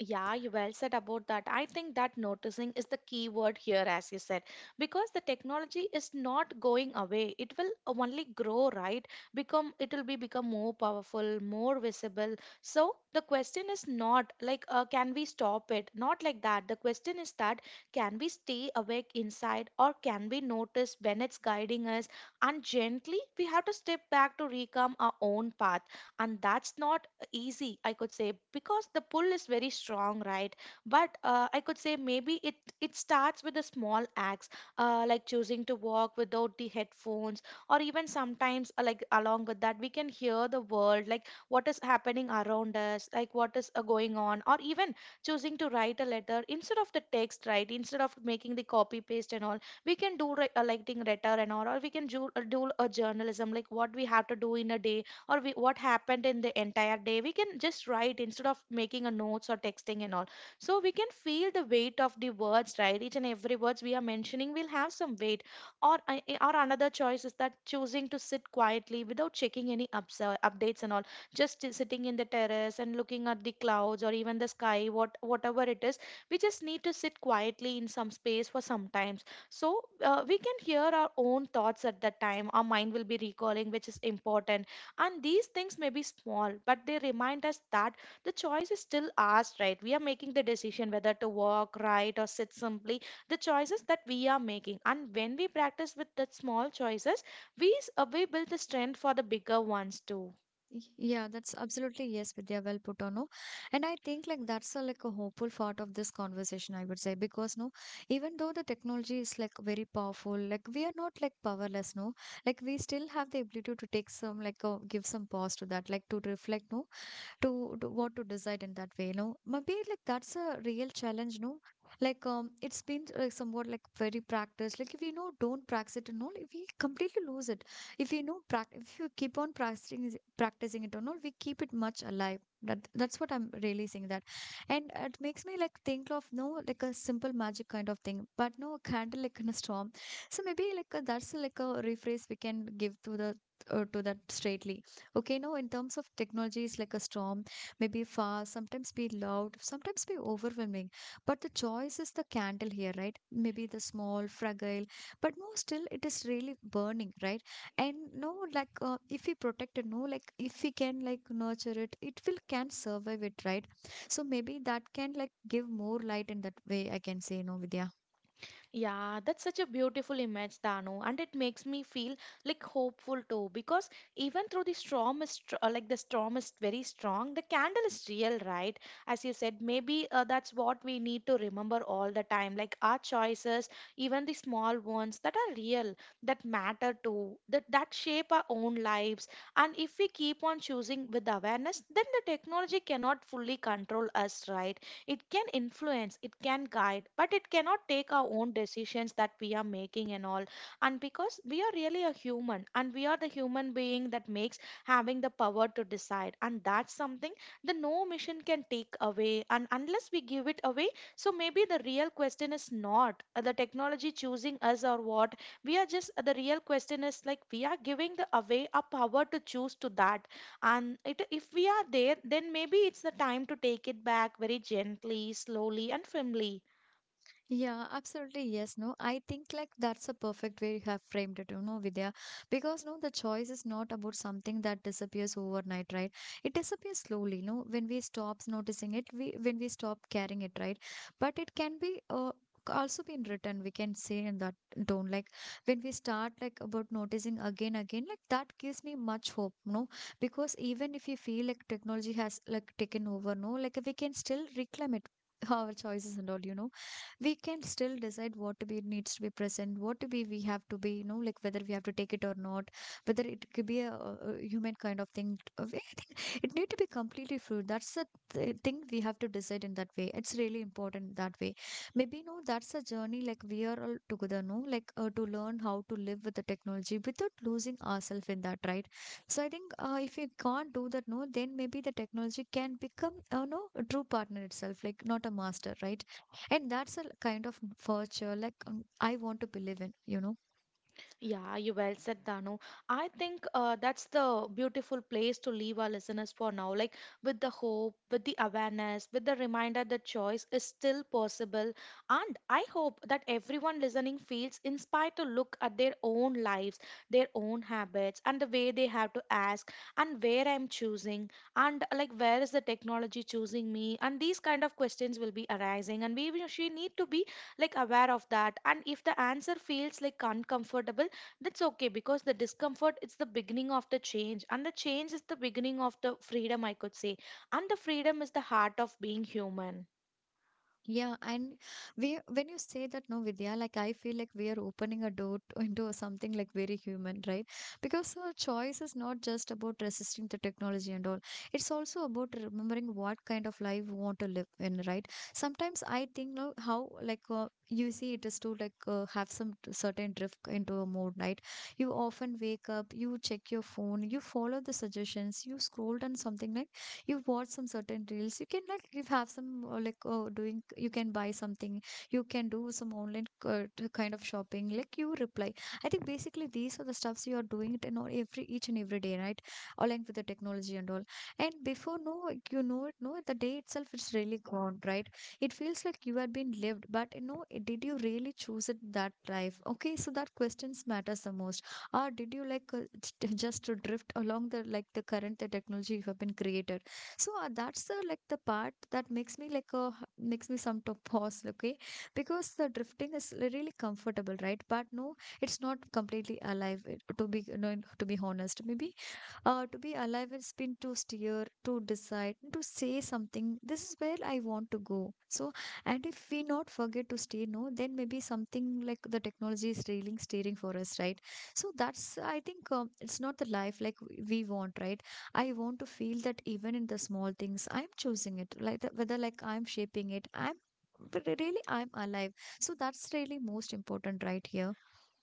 Speaker 2: Yeah, you well said about that. I think that noticing is the key word here, as you said, because the technology is not going away. It will only grow, right? Become, it will be become more powerful, more visible. So the question is not like, can we stop it? Not like that. The question is that, can we stay awake inside, or can we notice when it's guiding us? And gently, we have to step back to reclaim our own path, and that's not easy, I could say, because the pull is very strong, right? But I could say maybe it starts with the small acts. Like choosing to walk without the headphones, or even sometimes like along with that, we can hear the world, like what is happening around us, like what is going on, or even choosing to write a letter instead of the text, right, instead of making the copy paste and all. We can do writing letter and all, or we can do, do a journalism, like what we have to do in a day, or we, what happened in the entire day, we can just write, instead of making a notes or texting and all. So we can feel the weight of the words, right? Each and every words we are mentioning will have some weight. Or or another choice is that choosing to sit quietly without checking any ups, updates and all, just sitting in the terrace and looking at the clouds or even the sky, what whatever it is. We just need to sit quietly in some space for some times, so we can hear our own thoughts. At that time our mind will be recalling, which is important. And these things may be small, but they remind us that the choice is still ours, right? We are making the decision, whether to walk, right, or sit simply. The choices that we are making. And when we practice with the small choices, we build the strength for the bigger ones too.
Speaker 1: Yeah, that's absolutely yes, Vidya, well put on. No, and I think like that's a, like a hopeful part of this conversation, I would say, because no, even though the technology is like very powerful, like we are not like powerless, no, like we still have the ability to take some like give some pause to that, like to reflect, no, to what to decide in that way, no. Maybe like that's a real challenge, no? Like it's been like somewhat like very practiced. Like if you know don't practice it and all, if we completely lose it. If you know if you keep on practicing practicing it or not, we keep it much alive. That that's what I'm really saying that, and it makes me like think of no like a simple magic kind of thing, but no a candle like in a storm. So maybe like that's like a rephrase we can give to the to that straightly. Okay, now in terms of technology, it's like a storm, maybe fast, sometimes be loud, sometimes be overwhelming. But the choice is the candle here, right? Maybe the small, fragile, but no, still it is really burning, right? And no, like if we protect it, no, like if we can like nurture it, it will can survive it, right? So maybe that can like give more light in that way, I can say, no, Vidya.
Speaker 2: Yeah, that's such a beautiful image, Dano, and it makes me feel like hopeful too. Because even through the storm is like the storm is very strong, the candle is real, right? As you said, maybe that's what we need to remember all the time. Like our choices, even the small ones that are real, that matter too, that that shape our own lives. And if we keep on choosing with awareness, then the technology cannot fully control us, right? It can influence, it can guide, but it cannot take our own decisions that we are making and all. And because we are really a human, and we are the human being that makes having the power to decide. And that's something the no mission can take away. And unless we give it away. So maybe the real question is not the technology choosing us or what. We are just The real question is like, we are giving the away our power to choose to that. And it, if we are there, then maybe it's the time to take it back, very gently, slowly and firmly.
Speaker 1: Yeah, absolutely. Yes, no. I think like that's a perfect way you have framed it, you know, Vidya. Because no, the choice is not about something that disappears overnight, right? It disappears slowly, no, when we stop noticing it, we when we stop caring it, right? But it can be also been written, we can say in that tone. Like when we start like about noticing again, again, like that gives me much hope, no? Because even if you feel like technology has like taken over, no, like we can still reclaim it. Our choices and all, you know, we can still decide what to be needs to be present, what to be we have to be, you know, like whether we have to take it or not, whether it could be a, human kind of thing. I think it need to be completely fluid, that's the thing we have to decide in that way, it's really important that way. Maybe no that's a journey like we are all together, no, like to learn how to live with the technology without losing ourselves in that, right? So I think if we can't do that, no, then maybe the technology can become no a true partner itself, like not a master, right? And that's a kind of virtue like I want to believe in, you know.
Speaker 2: Yeah, you well said, Danu. I think that's the beautiful place to leave our listeners for now. Like, with the hope, with the awareness, with the reminder that choice is still possible. And I hope that everyone listening feels inspired to look at their own lives, their own habits, and the way they have to ask, and where I'm choosing, and like where is the technology choosing me. And these kind of questions will be arising. And we she need to be like aware of that. And if the answer feels like uncomfortable, that's okay, because the discomfort is the beginning of the change, and the change is the beginning of the freedom, I could say. And the freedom is the heart of being human.
Speaker 1: Yeah, and we when you say that, no, Vidya, like I feel like we are opening a door to, into something like very human, right? Because choice is not just about resisting the technology and all. It's also about remembering what kind of life we want to live in, right? Sometimes I think no, how like easy it is to like have some certain drift into a mode, right? You often wake up, you check your phone, you follow the suggestions, you scroll down something like you watch some certain reels you can like you have some like doing you can buy something, you can do some online kind of shopping, like you reply. I think basically these are the stuffs you are doing it in all every each and every day, right? Aligned with the technology and all. And before no, like, you know it no the day itself it's really gone, right? It feels like you had been lived, but you know did you really choose it that life? Okay, so that questions matters the most. Or did you just to drift along the like the current the technology you have been created. So that's the like the part that makes me like a makes me some to pause, okay? Because the drifting is really comfortable, right? But no, it's not completely alive. To be you know, to be honest, maybe to be alive has been to steer, to decide, to say something. This is where I want to go. So, and if we not forget to stay no, then maybe something like the technology is railing steering for us, right? So that's I think it's not the life like we want, right? I want to feel that even in the small things, I'm choosing it, like the, whether like I'm shaping it, I'm but really I'm alive. So that's really most important right here.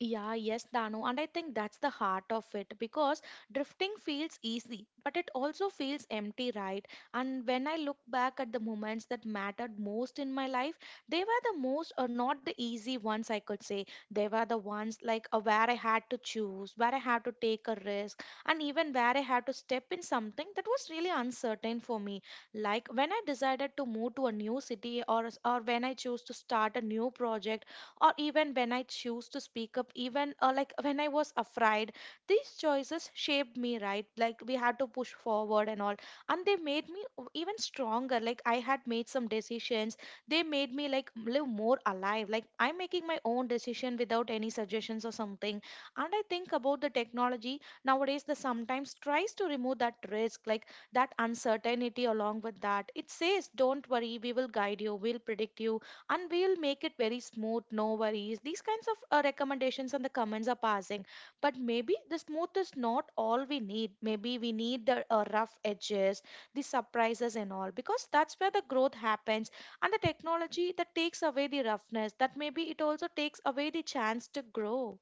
Speaker 2: Yeah, yes, Dano. And I think that's the heart of it, because drifting feels easy, but it also feels empty, right? And when I look back at the moments that mattered most in my life, they were the most, or not the easy ones, I could say. They were the ones where I had to choose, where I had to take a risk, and even where I had to step in something that was really uncertain for me. Like when I decided to move to a new city, or when I chose to start a new project, or even when I choose to speak up, even like when I was afraid. These choices shaped me, right? Like we had to push forward and all, and they made me even stronger. Like I had made some decisions, they made me like live more alive. Like I'm making my own decision without any suggestions or something. And I think about the technology nowadays that sometimes tries to remove that risk, like that uncertainty along with that. It says, don't worry, we will guide you, we'll predict you, and we'll make it very smooth, no worries. These kinds of recommendations and the comments are passing, but maybe the smooth is not all we need. Maybe we need the rough edges, the surprises and all, because that's where the growth happens, and the technology that takes away the roughness, that maybe it also takes away the chance to grow.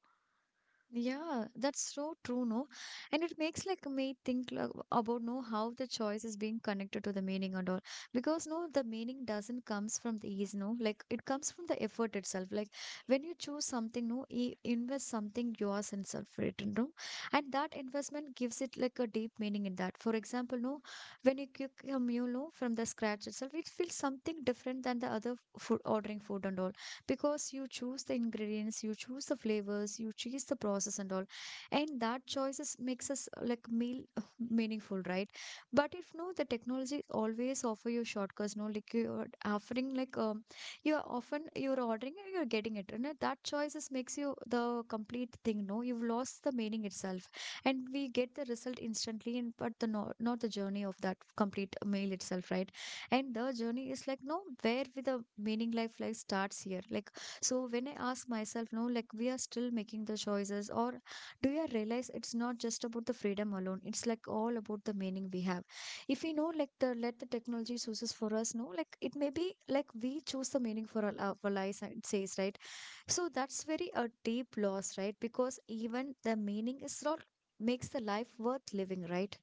Speaker 1: Yeah, that's so true, no? And it makes like me think like, about no how the choice is being connected to the meaning and all. Because no, the meaning doesn't comes from the ease, no. Like it comes from the effort itself. Like when you choose something, no, you invest something yours and self written, no. And that investment gives it like a deep meaning in that. For example, no, when you cook a meal, no, from the scratch itself, it feels something different than the other food ordering food and all, because you choose the ingredients, you choose the flavors, you choose the process and all, and that choices makes us like meal meaningful, right? But if no the technology always offer you shortcuts, no, like you're offering like you're often you're ordering and you're getting it, and that choices makes you the complete thing, no, you've lost the meaning itself. And we get the result instantly and but the not the journey of that complete meal itself, right? And the journey is like no where with the meaning life like starts here, like so when I ask myself no like we are still making the choices, or do you realize it's not just about the freedom alone, it's like all about the meaning we have. If we know like the let the technology chooses for us, no, like it may be like we choose the meaning for our lives it says, right? So that's very a deep loss, right? Because even the meaning is not makes the life worth living, right?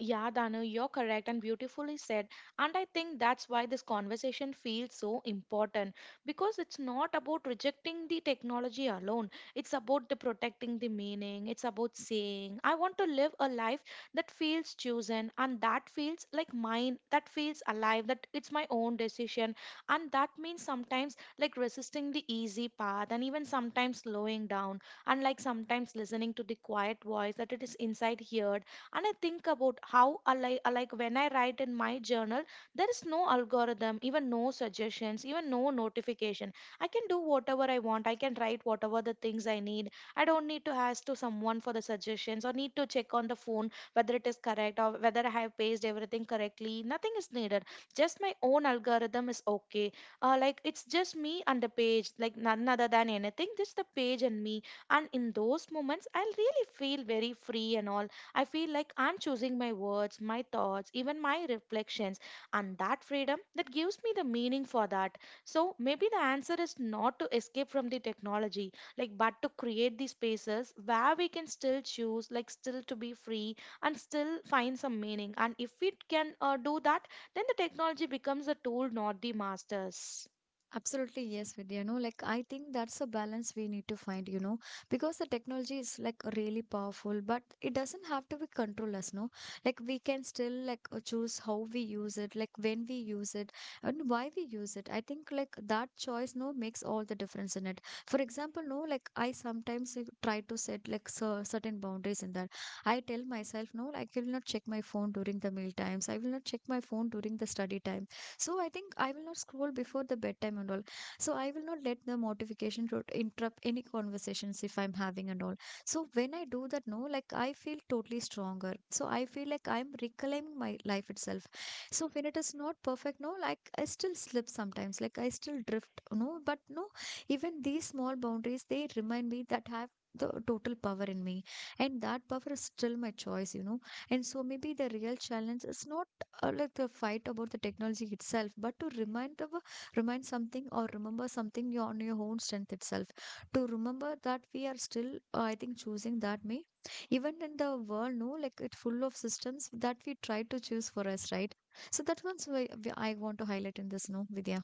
Speaker 2: Yeah, Danu, you're correct and beautifully said. And I think that's why this conversation feels so important, because it's not about rejecting the technology alone. It's about the protecting the meaning. It's about saying, I want to live a life that feels chosen and that feels like mine, that feels alive, that it's my own decision. And that means sometimes like resisting the easy path and even sometimes slowing down and like sometimes listening to the quiet voice that it is inside here. And I think about how I like when I write in my journal, there is no algorithm, even no suggestions, even no notification. I can do whatever I want. I can write whatever the things I need. I don't need to ask to someone for the suggestions or need to check on the phone whether it is correct or whether I have pasted everything correctly. Nothing is needed. Just my own algorithm is okay. Like it's just me and the page, like none other than anything, just the page and me. And in those moments I'll really feel very free and all. I feel like I'm choosing my words, my thoughts, even my reflections, and that freedom that gives me the meaning for that. So maybe the answer is not to escape from the technology, like but to create these spaces where we can still choose, like still to be free and still find some meaning. And if we can do that, then the technology becomes a tool, not the masters.
Speaker 1: Absolutely, yes, Vidya. You know, like I think that's a balance we need to find, you know, because the technology is like really powerful, but it doesn't have to be control us, no? Like we can still choose how we use it, like when we use it, and why we use it. I think like that choice, no, makes all the difference in it. For example, no, like I sometimes try to set like certain boundaries in that. I tell myself, no, like I will not check my phone during the meal times. I will not check my phone during the study time, so I think I will not scroll before the bedtime and all. So I will not let the notification to interrupt any conversations if I'm having and all. So when I do that, no, like I feel totally stronger. So I feel like I'm reclaiming my life itself. So when it is not perfect, no, like I still slip sometimes, like I still drift, no, but no, even these small boundaries, they remind me that have the total power in me, and that power is still my choice, you know. And so maybe the real challenge is not like the fight about the technology itself, but to remind something or remember something on your own strength itself. To remember that we are still, I think, choosing that way. Even in the world, no, like it's full of systems that we try to choose for us, right? So that one's why I want to highlight in this, no, Vidya.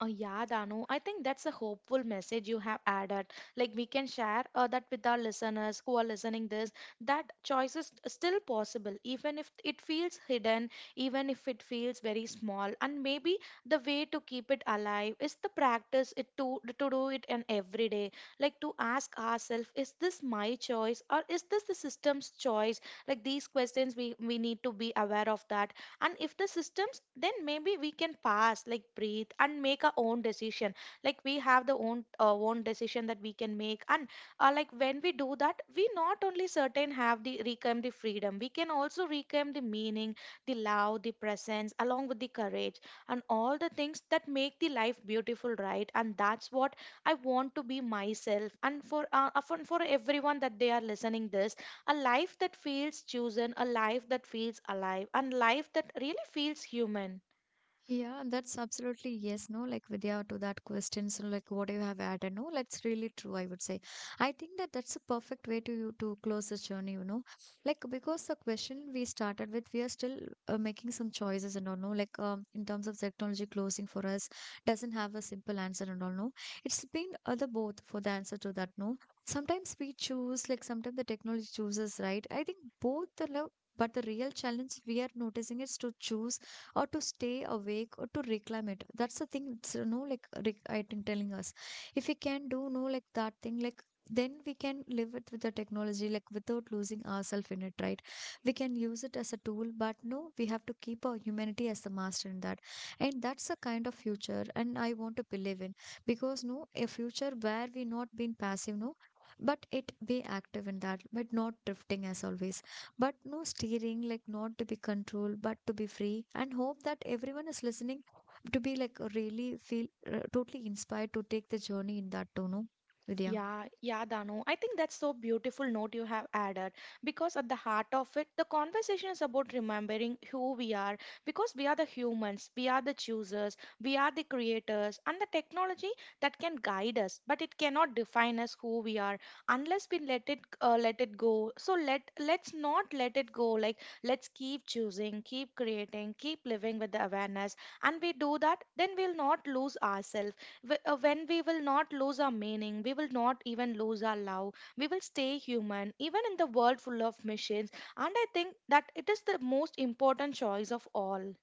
Speaker 2: Oh, yeah, Danu. I think that's a hopeful message you have added. Like we can share that with our listeners who are listening this, that choice is still possible, even if it feels hidden, even if it feels very small. And maybe the way to keep it alive is the practice it to do it in every day. Like to ask ourselves, is this my choice or is this the system's choice? Like these questions, we need to be aware of that. And if the systems, then maybe we can pass like breathe and make our own decision. Like we have the own own decision that we can make. And like when we do that, we not only certain have the reclaim the freedom, we can also reclaim the meaning, the love, the presence along with the courage, and all the things that make the life beautiful, right? And that's what I want to be myself and for for everyone that they are listening this, a life that feels chosen, a life that feels alive, and life that really feels human.
Speaker 1: Yeah, that's absolutely yes, no, like Vidya to that question. So like what you have added, no, that's really true, I would say. I think that's a perfect way to you to close this journey, you know. Like because the question we started with, we are still making some choices and all, no, like in terms of technology closing for us doesn't have a simple answer and all, no. It's been other both for the answer to that, no. Sometimes we choose, like sometimes the technology chooses, right? I think both the love. But the real challenge we are noticing is to choose or to stay awake or to reclaim it, that's the thing, it's you know like I think telling us. If we can do no like that thing, like then we can live it with the technology like without losing ourselves in it, right? We can use it as a tool, but no we have to keep our humanity as the master in that. And that's the kind of future and I want to believe in, because no a future where we not being passive, no, but it be active in that, but not drifting as always, but no steering, like not to be controlled but to be free, and hope that everyone is listening to be like really feel totally inspired to take the journey in that tone, no, Vidya.
Speaker 2: Yeah, yeah, Danu. I think that's so beautiful note you have added, because at the heart of it, the conversation is about remembering who we are, because we are the humans, we are the choosers, we are the creators, and the technology that can guide us, but it cannot define us who we are unless we let it go. So let's not let it go. Like let's keep choosing, keep creating, keep living with the awareness, and we do that, then we'll not lose ourselves when we will not lose our meaning, we will not even lose our love, we will stay human, even in the world full of machines. And I think that it is the most important choice of all.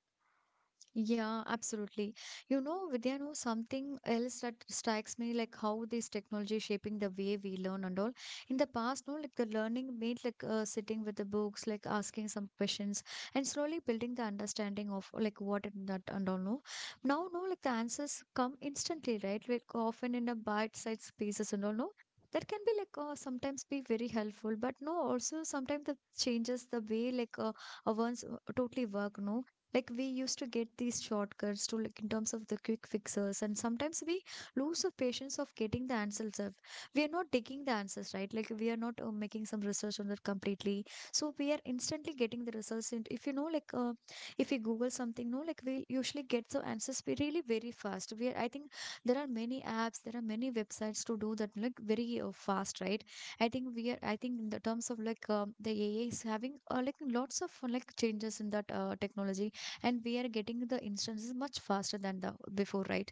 Speaker 1: Yeah, absolutely. You know, Vidya, know something else that strikes me like how this technology is shaping the way we learn and all. In the past, no, like the learning made sitting with the books, like asking some questions and slowly building the understanding of like what it, that and all. No, now, no, like the answers come instantly, right? Like often in a bite-sized pieces and all. No, that can be sometimes be very helpful, but no, also sometimes that changes the way one's totally work. No, like we used to get these shortcuts to like in terms of the quick fixes, and sometimes we lose the patience of getting the answers of we are not taking the answers right, like we are not making some research on that completely. So we are instantly getting the results, and if you know if we google something, no, like we usually get the answers we really very fast. We are I think there are many apps, there are many websites to do that like very fast, right? I think in the terms of like the AI is having like lots of like changes in that technology, and we are getting the instances much faster than the before, right?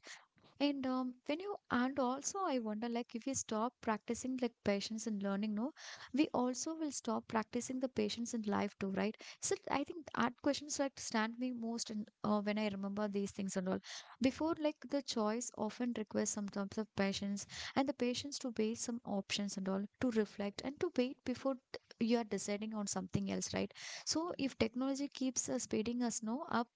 Speaker 1: And when you and also I wonder like if we stop practicing like patience in learning, no, we also will stop practicing the patience in life too, right? So I think art questions like stand me most in, when I remember these things and all. Before, like the choice often requires some terms of patience, and the patience to weigh some options and all, to reflect and to wait before you are deciding on something else, right? So if technology keeps speeding us no up,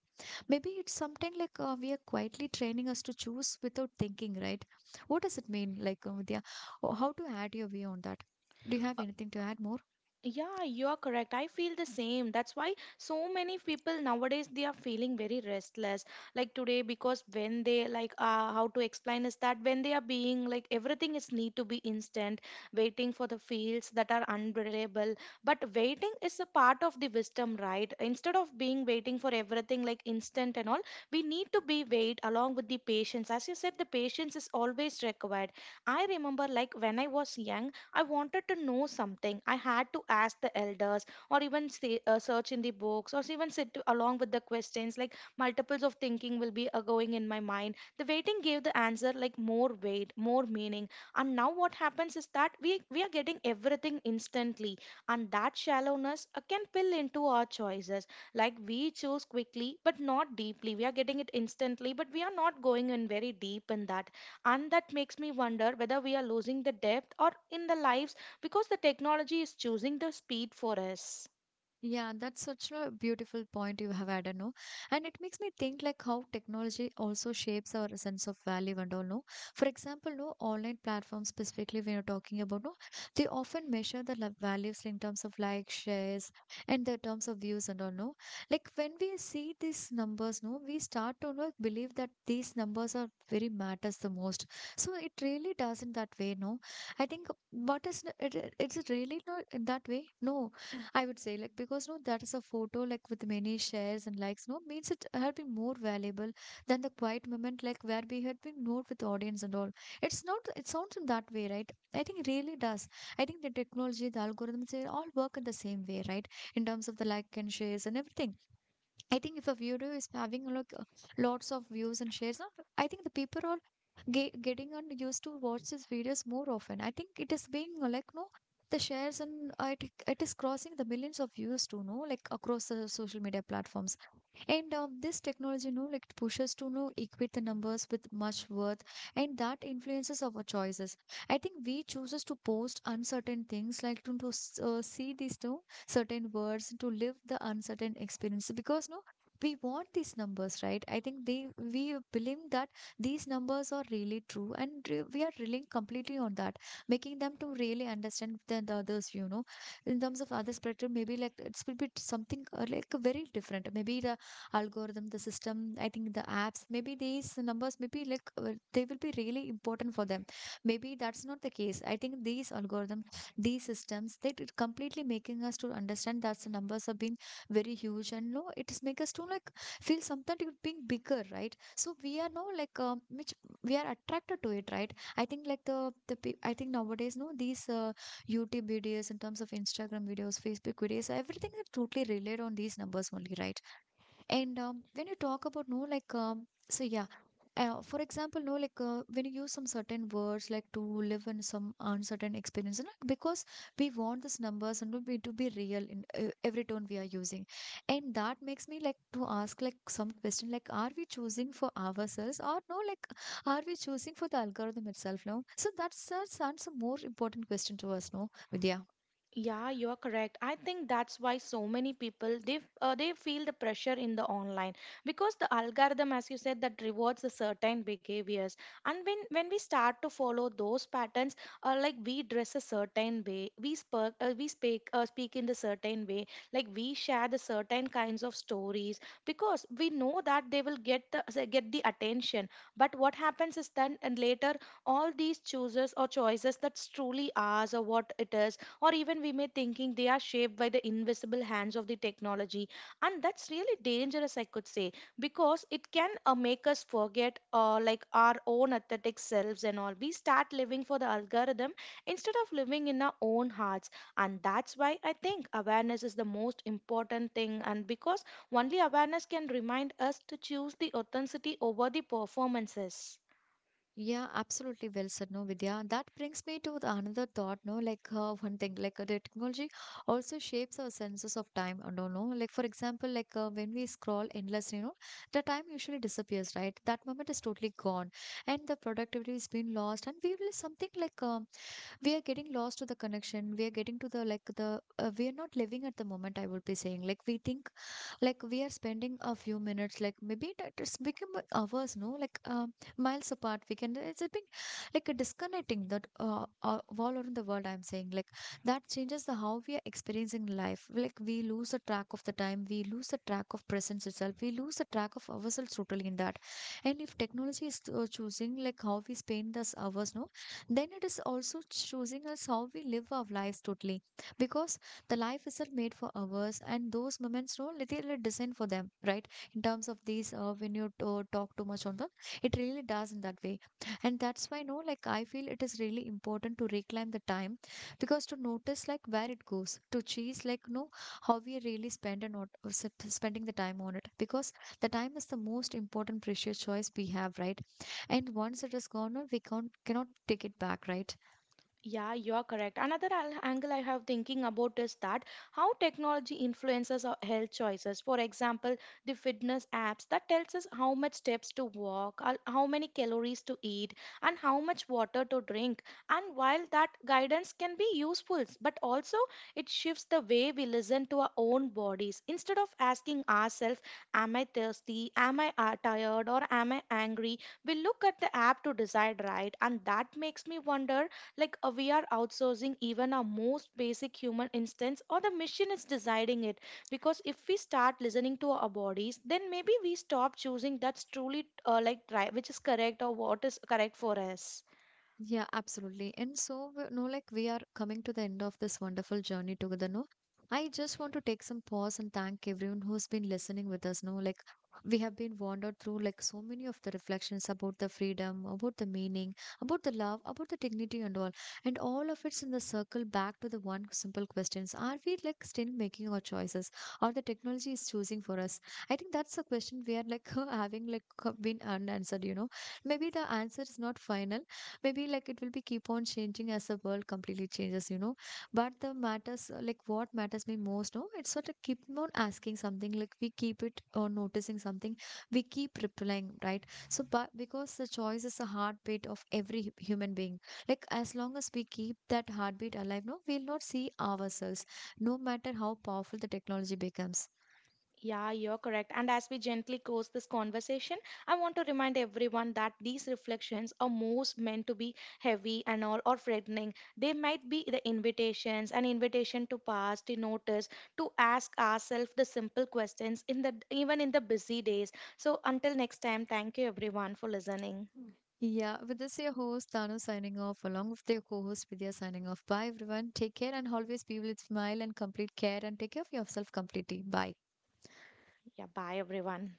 Speaker 1: maybe it's something we are quietly training us to choose without thinking, right? What does it mean, like, Vidya? Or how to add your view on that? Do you have anything to add more?
Speaker 2: Yeah, you are correct. I feel the same. That's why so many people nowadays they are feeling very restless. Like today, because when they like how to explain is that when they are being like everything is need to be instant, waiting for the fields that are unreliable. But waiting is a part of the wisdom, right? Instead of being waiting for everything like instant and all, we need to be wait along with the patience. As you said, the patience is always required. I remember like when I was young. I wanted to know something. I had to ask the elders or even say, search in the books or even sit along with the questions. Like multiples of thinking will be going in my mind. The waiting gave the answer like more weight, more meaning. And now what happens is that we are getting everything instantly. And that shallowness can pill into our choices. Like we choose quickly but not deeply. We are getting it instantly but we are not going in very deep in that, and that makes me wonder whether we are losing the depth or in the lives, because the technology is choosing the speed for us.
Speaker 1: Yeah, that's such a beautiful point you have added, no? And it makes me think like how technology also shapes our sense of value and all, no? For example, no, online platforms specifically when you're talking about, no, they often measure the values in terms of like shares and the terms of views and all, no? Like when we see these numbers, no, we start to no, believe that these numbers are very matters the most. So it really doesn't that way, no? I think what is it, it's really not in that way, no? I would say, like, because no, that is a photo, like, with many shares and likes, no, means it had been more valuable than the quiet moment, like, where we had been note with the audience and all. It's not, it sounds in that way, right? I think it really does. I think the technology, the algorithms, they all work in the same way, right? In terms of the like and shares and everything. I think if a video is having like lots of views and shares, I think the people are getting and used to watch these videos more often. I think it is being like no the shares and it is crossing the millions of views too, no like across the social media platforms. And This technology, like pushes to know equate the numbers with much worth, and that influences our choices. I think we chooses to post uncertain things, like to see these two certain words, to live the uncertain experience, because no, we want these numbers, right? I think they we believe that these numbers are really true and we are relying completely on that, making them to really understand than the others, you know, in terms of other spectrum. Maybe like it's will be something like very different. Maybe the algorithm, the system, I think the apps, maybe these numbers maybe like they will be really important for them. Maybe that's not the case. I think these algorithms, these systems, they did completely making us to understand that the numbers have been very huge, and no, it's make us to like feel something to being bigger, right? So we are no like which we are attracted to it, right? I think like I think nowadays, no, these YouTube videos, in terms of Instagram videos, Facebook videos, everything is totally relied on these numbers only, right? And when you talk about, no, like so yeah, for example, no, like when you use some certain words, like to live in some uncertain experience, you know, because we want these numbers, and we to be real in every tone we are using, and that makes me like to ask like some question, like are we choosing for ourselves or no, like are we choosing for the algorithm itself? No, so that's a more important question to us, no, Vidya.
Speaker 2: Yeah, you're correct. I think that's why so many people they they feel the pressure in the online, because the algorithm, as you said, that rewards the certain behaviors. And when we start to follow those patterns, like we dress a certain way, we speak speak in the certain way, like we share the certain kinds of stories because we know that they will get the attention. But what happens is then and later all these chooses or choices that's truly ours or what it is, or even we may thinking they are shaped by the invisible hands of the technology, and that's really dangerous, I could say, because it can make us forget like our own authentic selves and all. We start living for the algorithm instead of living in our own hearts. And that's why I think awareness is the most important thing, and because only awareness can remind us to choose the authenticity over the performances.
Speaker 1: Yeah, absolutely well said, no, Vidya. That brings me to the another thought, no, like one thing, like the technology also shapes our senses of time. I don't know, like for example, like when we scroll endlessly, you know, the time usually disappears, right? That moment is totally gone, and the productivity is being lost, and we will something like we are getting lost to the connection. We are getting to the like the we are not living at the moment. I would be saying, like we think like we are spending a few minutes, like maybe that it's become hours. No, like miles apart, we can, it's a bit like a disconnecting that all around the world. I'm saying like that changes the how we are experiencing life. Like we lose a track of the time, we lose a track of presence itself, we lose a track of ourselves totally in that. And if technology is choosing like how we spend those hours, no, then it is also choosing us how we live our lives totally, because the life isn't made for hours, and those moments, no, they are designed for them, right? In terms of these when you talk too much on them, it really does in that way. And that's why, no, like I feel it is really important to reclaim the time, because to notice like where it goes, to choose like no how we really spend and not spending the time on it, because the time is the most important precious choice we have, right? And once it is gone on, we can't cannot take it back, right?
Speaker 2: Yeah, you are correct. Angle I have thinking about is that how technology influences our health choices. For example, the fitness apps that tells us how much steps to walk, how many calories to eat, and how much water to drink. And while that guidance can be useful, but also it shifts the way we listen to our own bodies. Instead of asking ourselves, "Am I thirsty? Am I tired? Or am I angry?" we look at the app to decide, right? And that makes me wonder like we are outsourcing even our most basic human instincts, or the machine is deciding it. Because if we start listening to our bodies, then maybe we stop choosing that's truly like right, which is correct or what is correct for us.
Speaker 1: Yeah, absolutely. And so, no, like we are coming to the end of this wonderful journey together, no? I just want to take some pause and thank everyone who's been listening with us, no? Like, we have been wandered through like so many of the reflections about the freedom, about the meaning, about the love, about the dignity and all. And all of it's in the circle back to the one simple questions. Are we like still making our choices or the technology is choosing for us? I think that's a question we are like having like been unanswered, you know? Maybe the answer is not final. Maybe like it will be keep on changing as the world completely changes, you know? But the matters like what matters me most, no, it's sort of keep on asking something, like we keep it or noticing something, we keep replying, right? So but because the choice is a heartbeat of every human being, like as long as we keep that heartbeat alive, no, we'll not see ourselves, no matter how powerful the technology becomes.
Speaker 2: Yeah, you're correct. And as we gently close this conversation, I want to remind everyone that these reflections are most meant to be heavy and all or threatening. They might be the invitations, an invitation to pause, to notice, to ask ourselves the simple questions in the even in the busy days. So until next time, thank you everyone for listening.
Speaker 1: Yeah, with this, your host Tanu signing off, along with your co host Vidya signing off. Bye, everyone. Take care and always be with smile and complete care and take care of yourself completely. Bye.
Speaker 2: Yeah, bye everyone.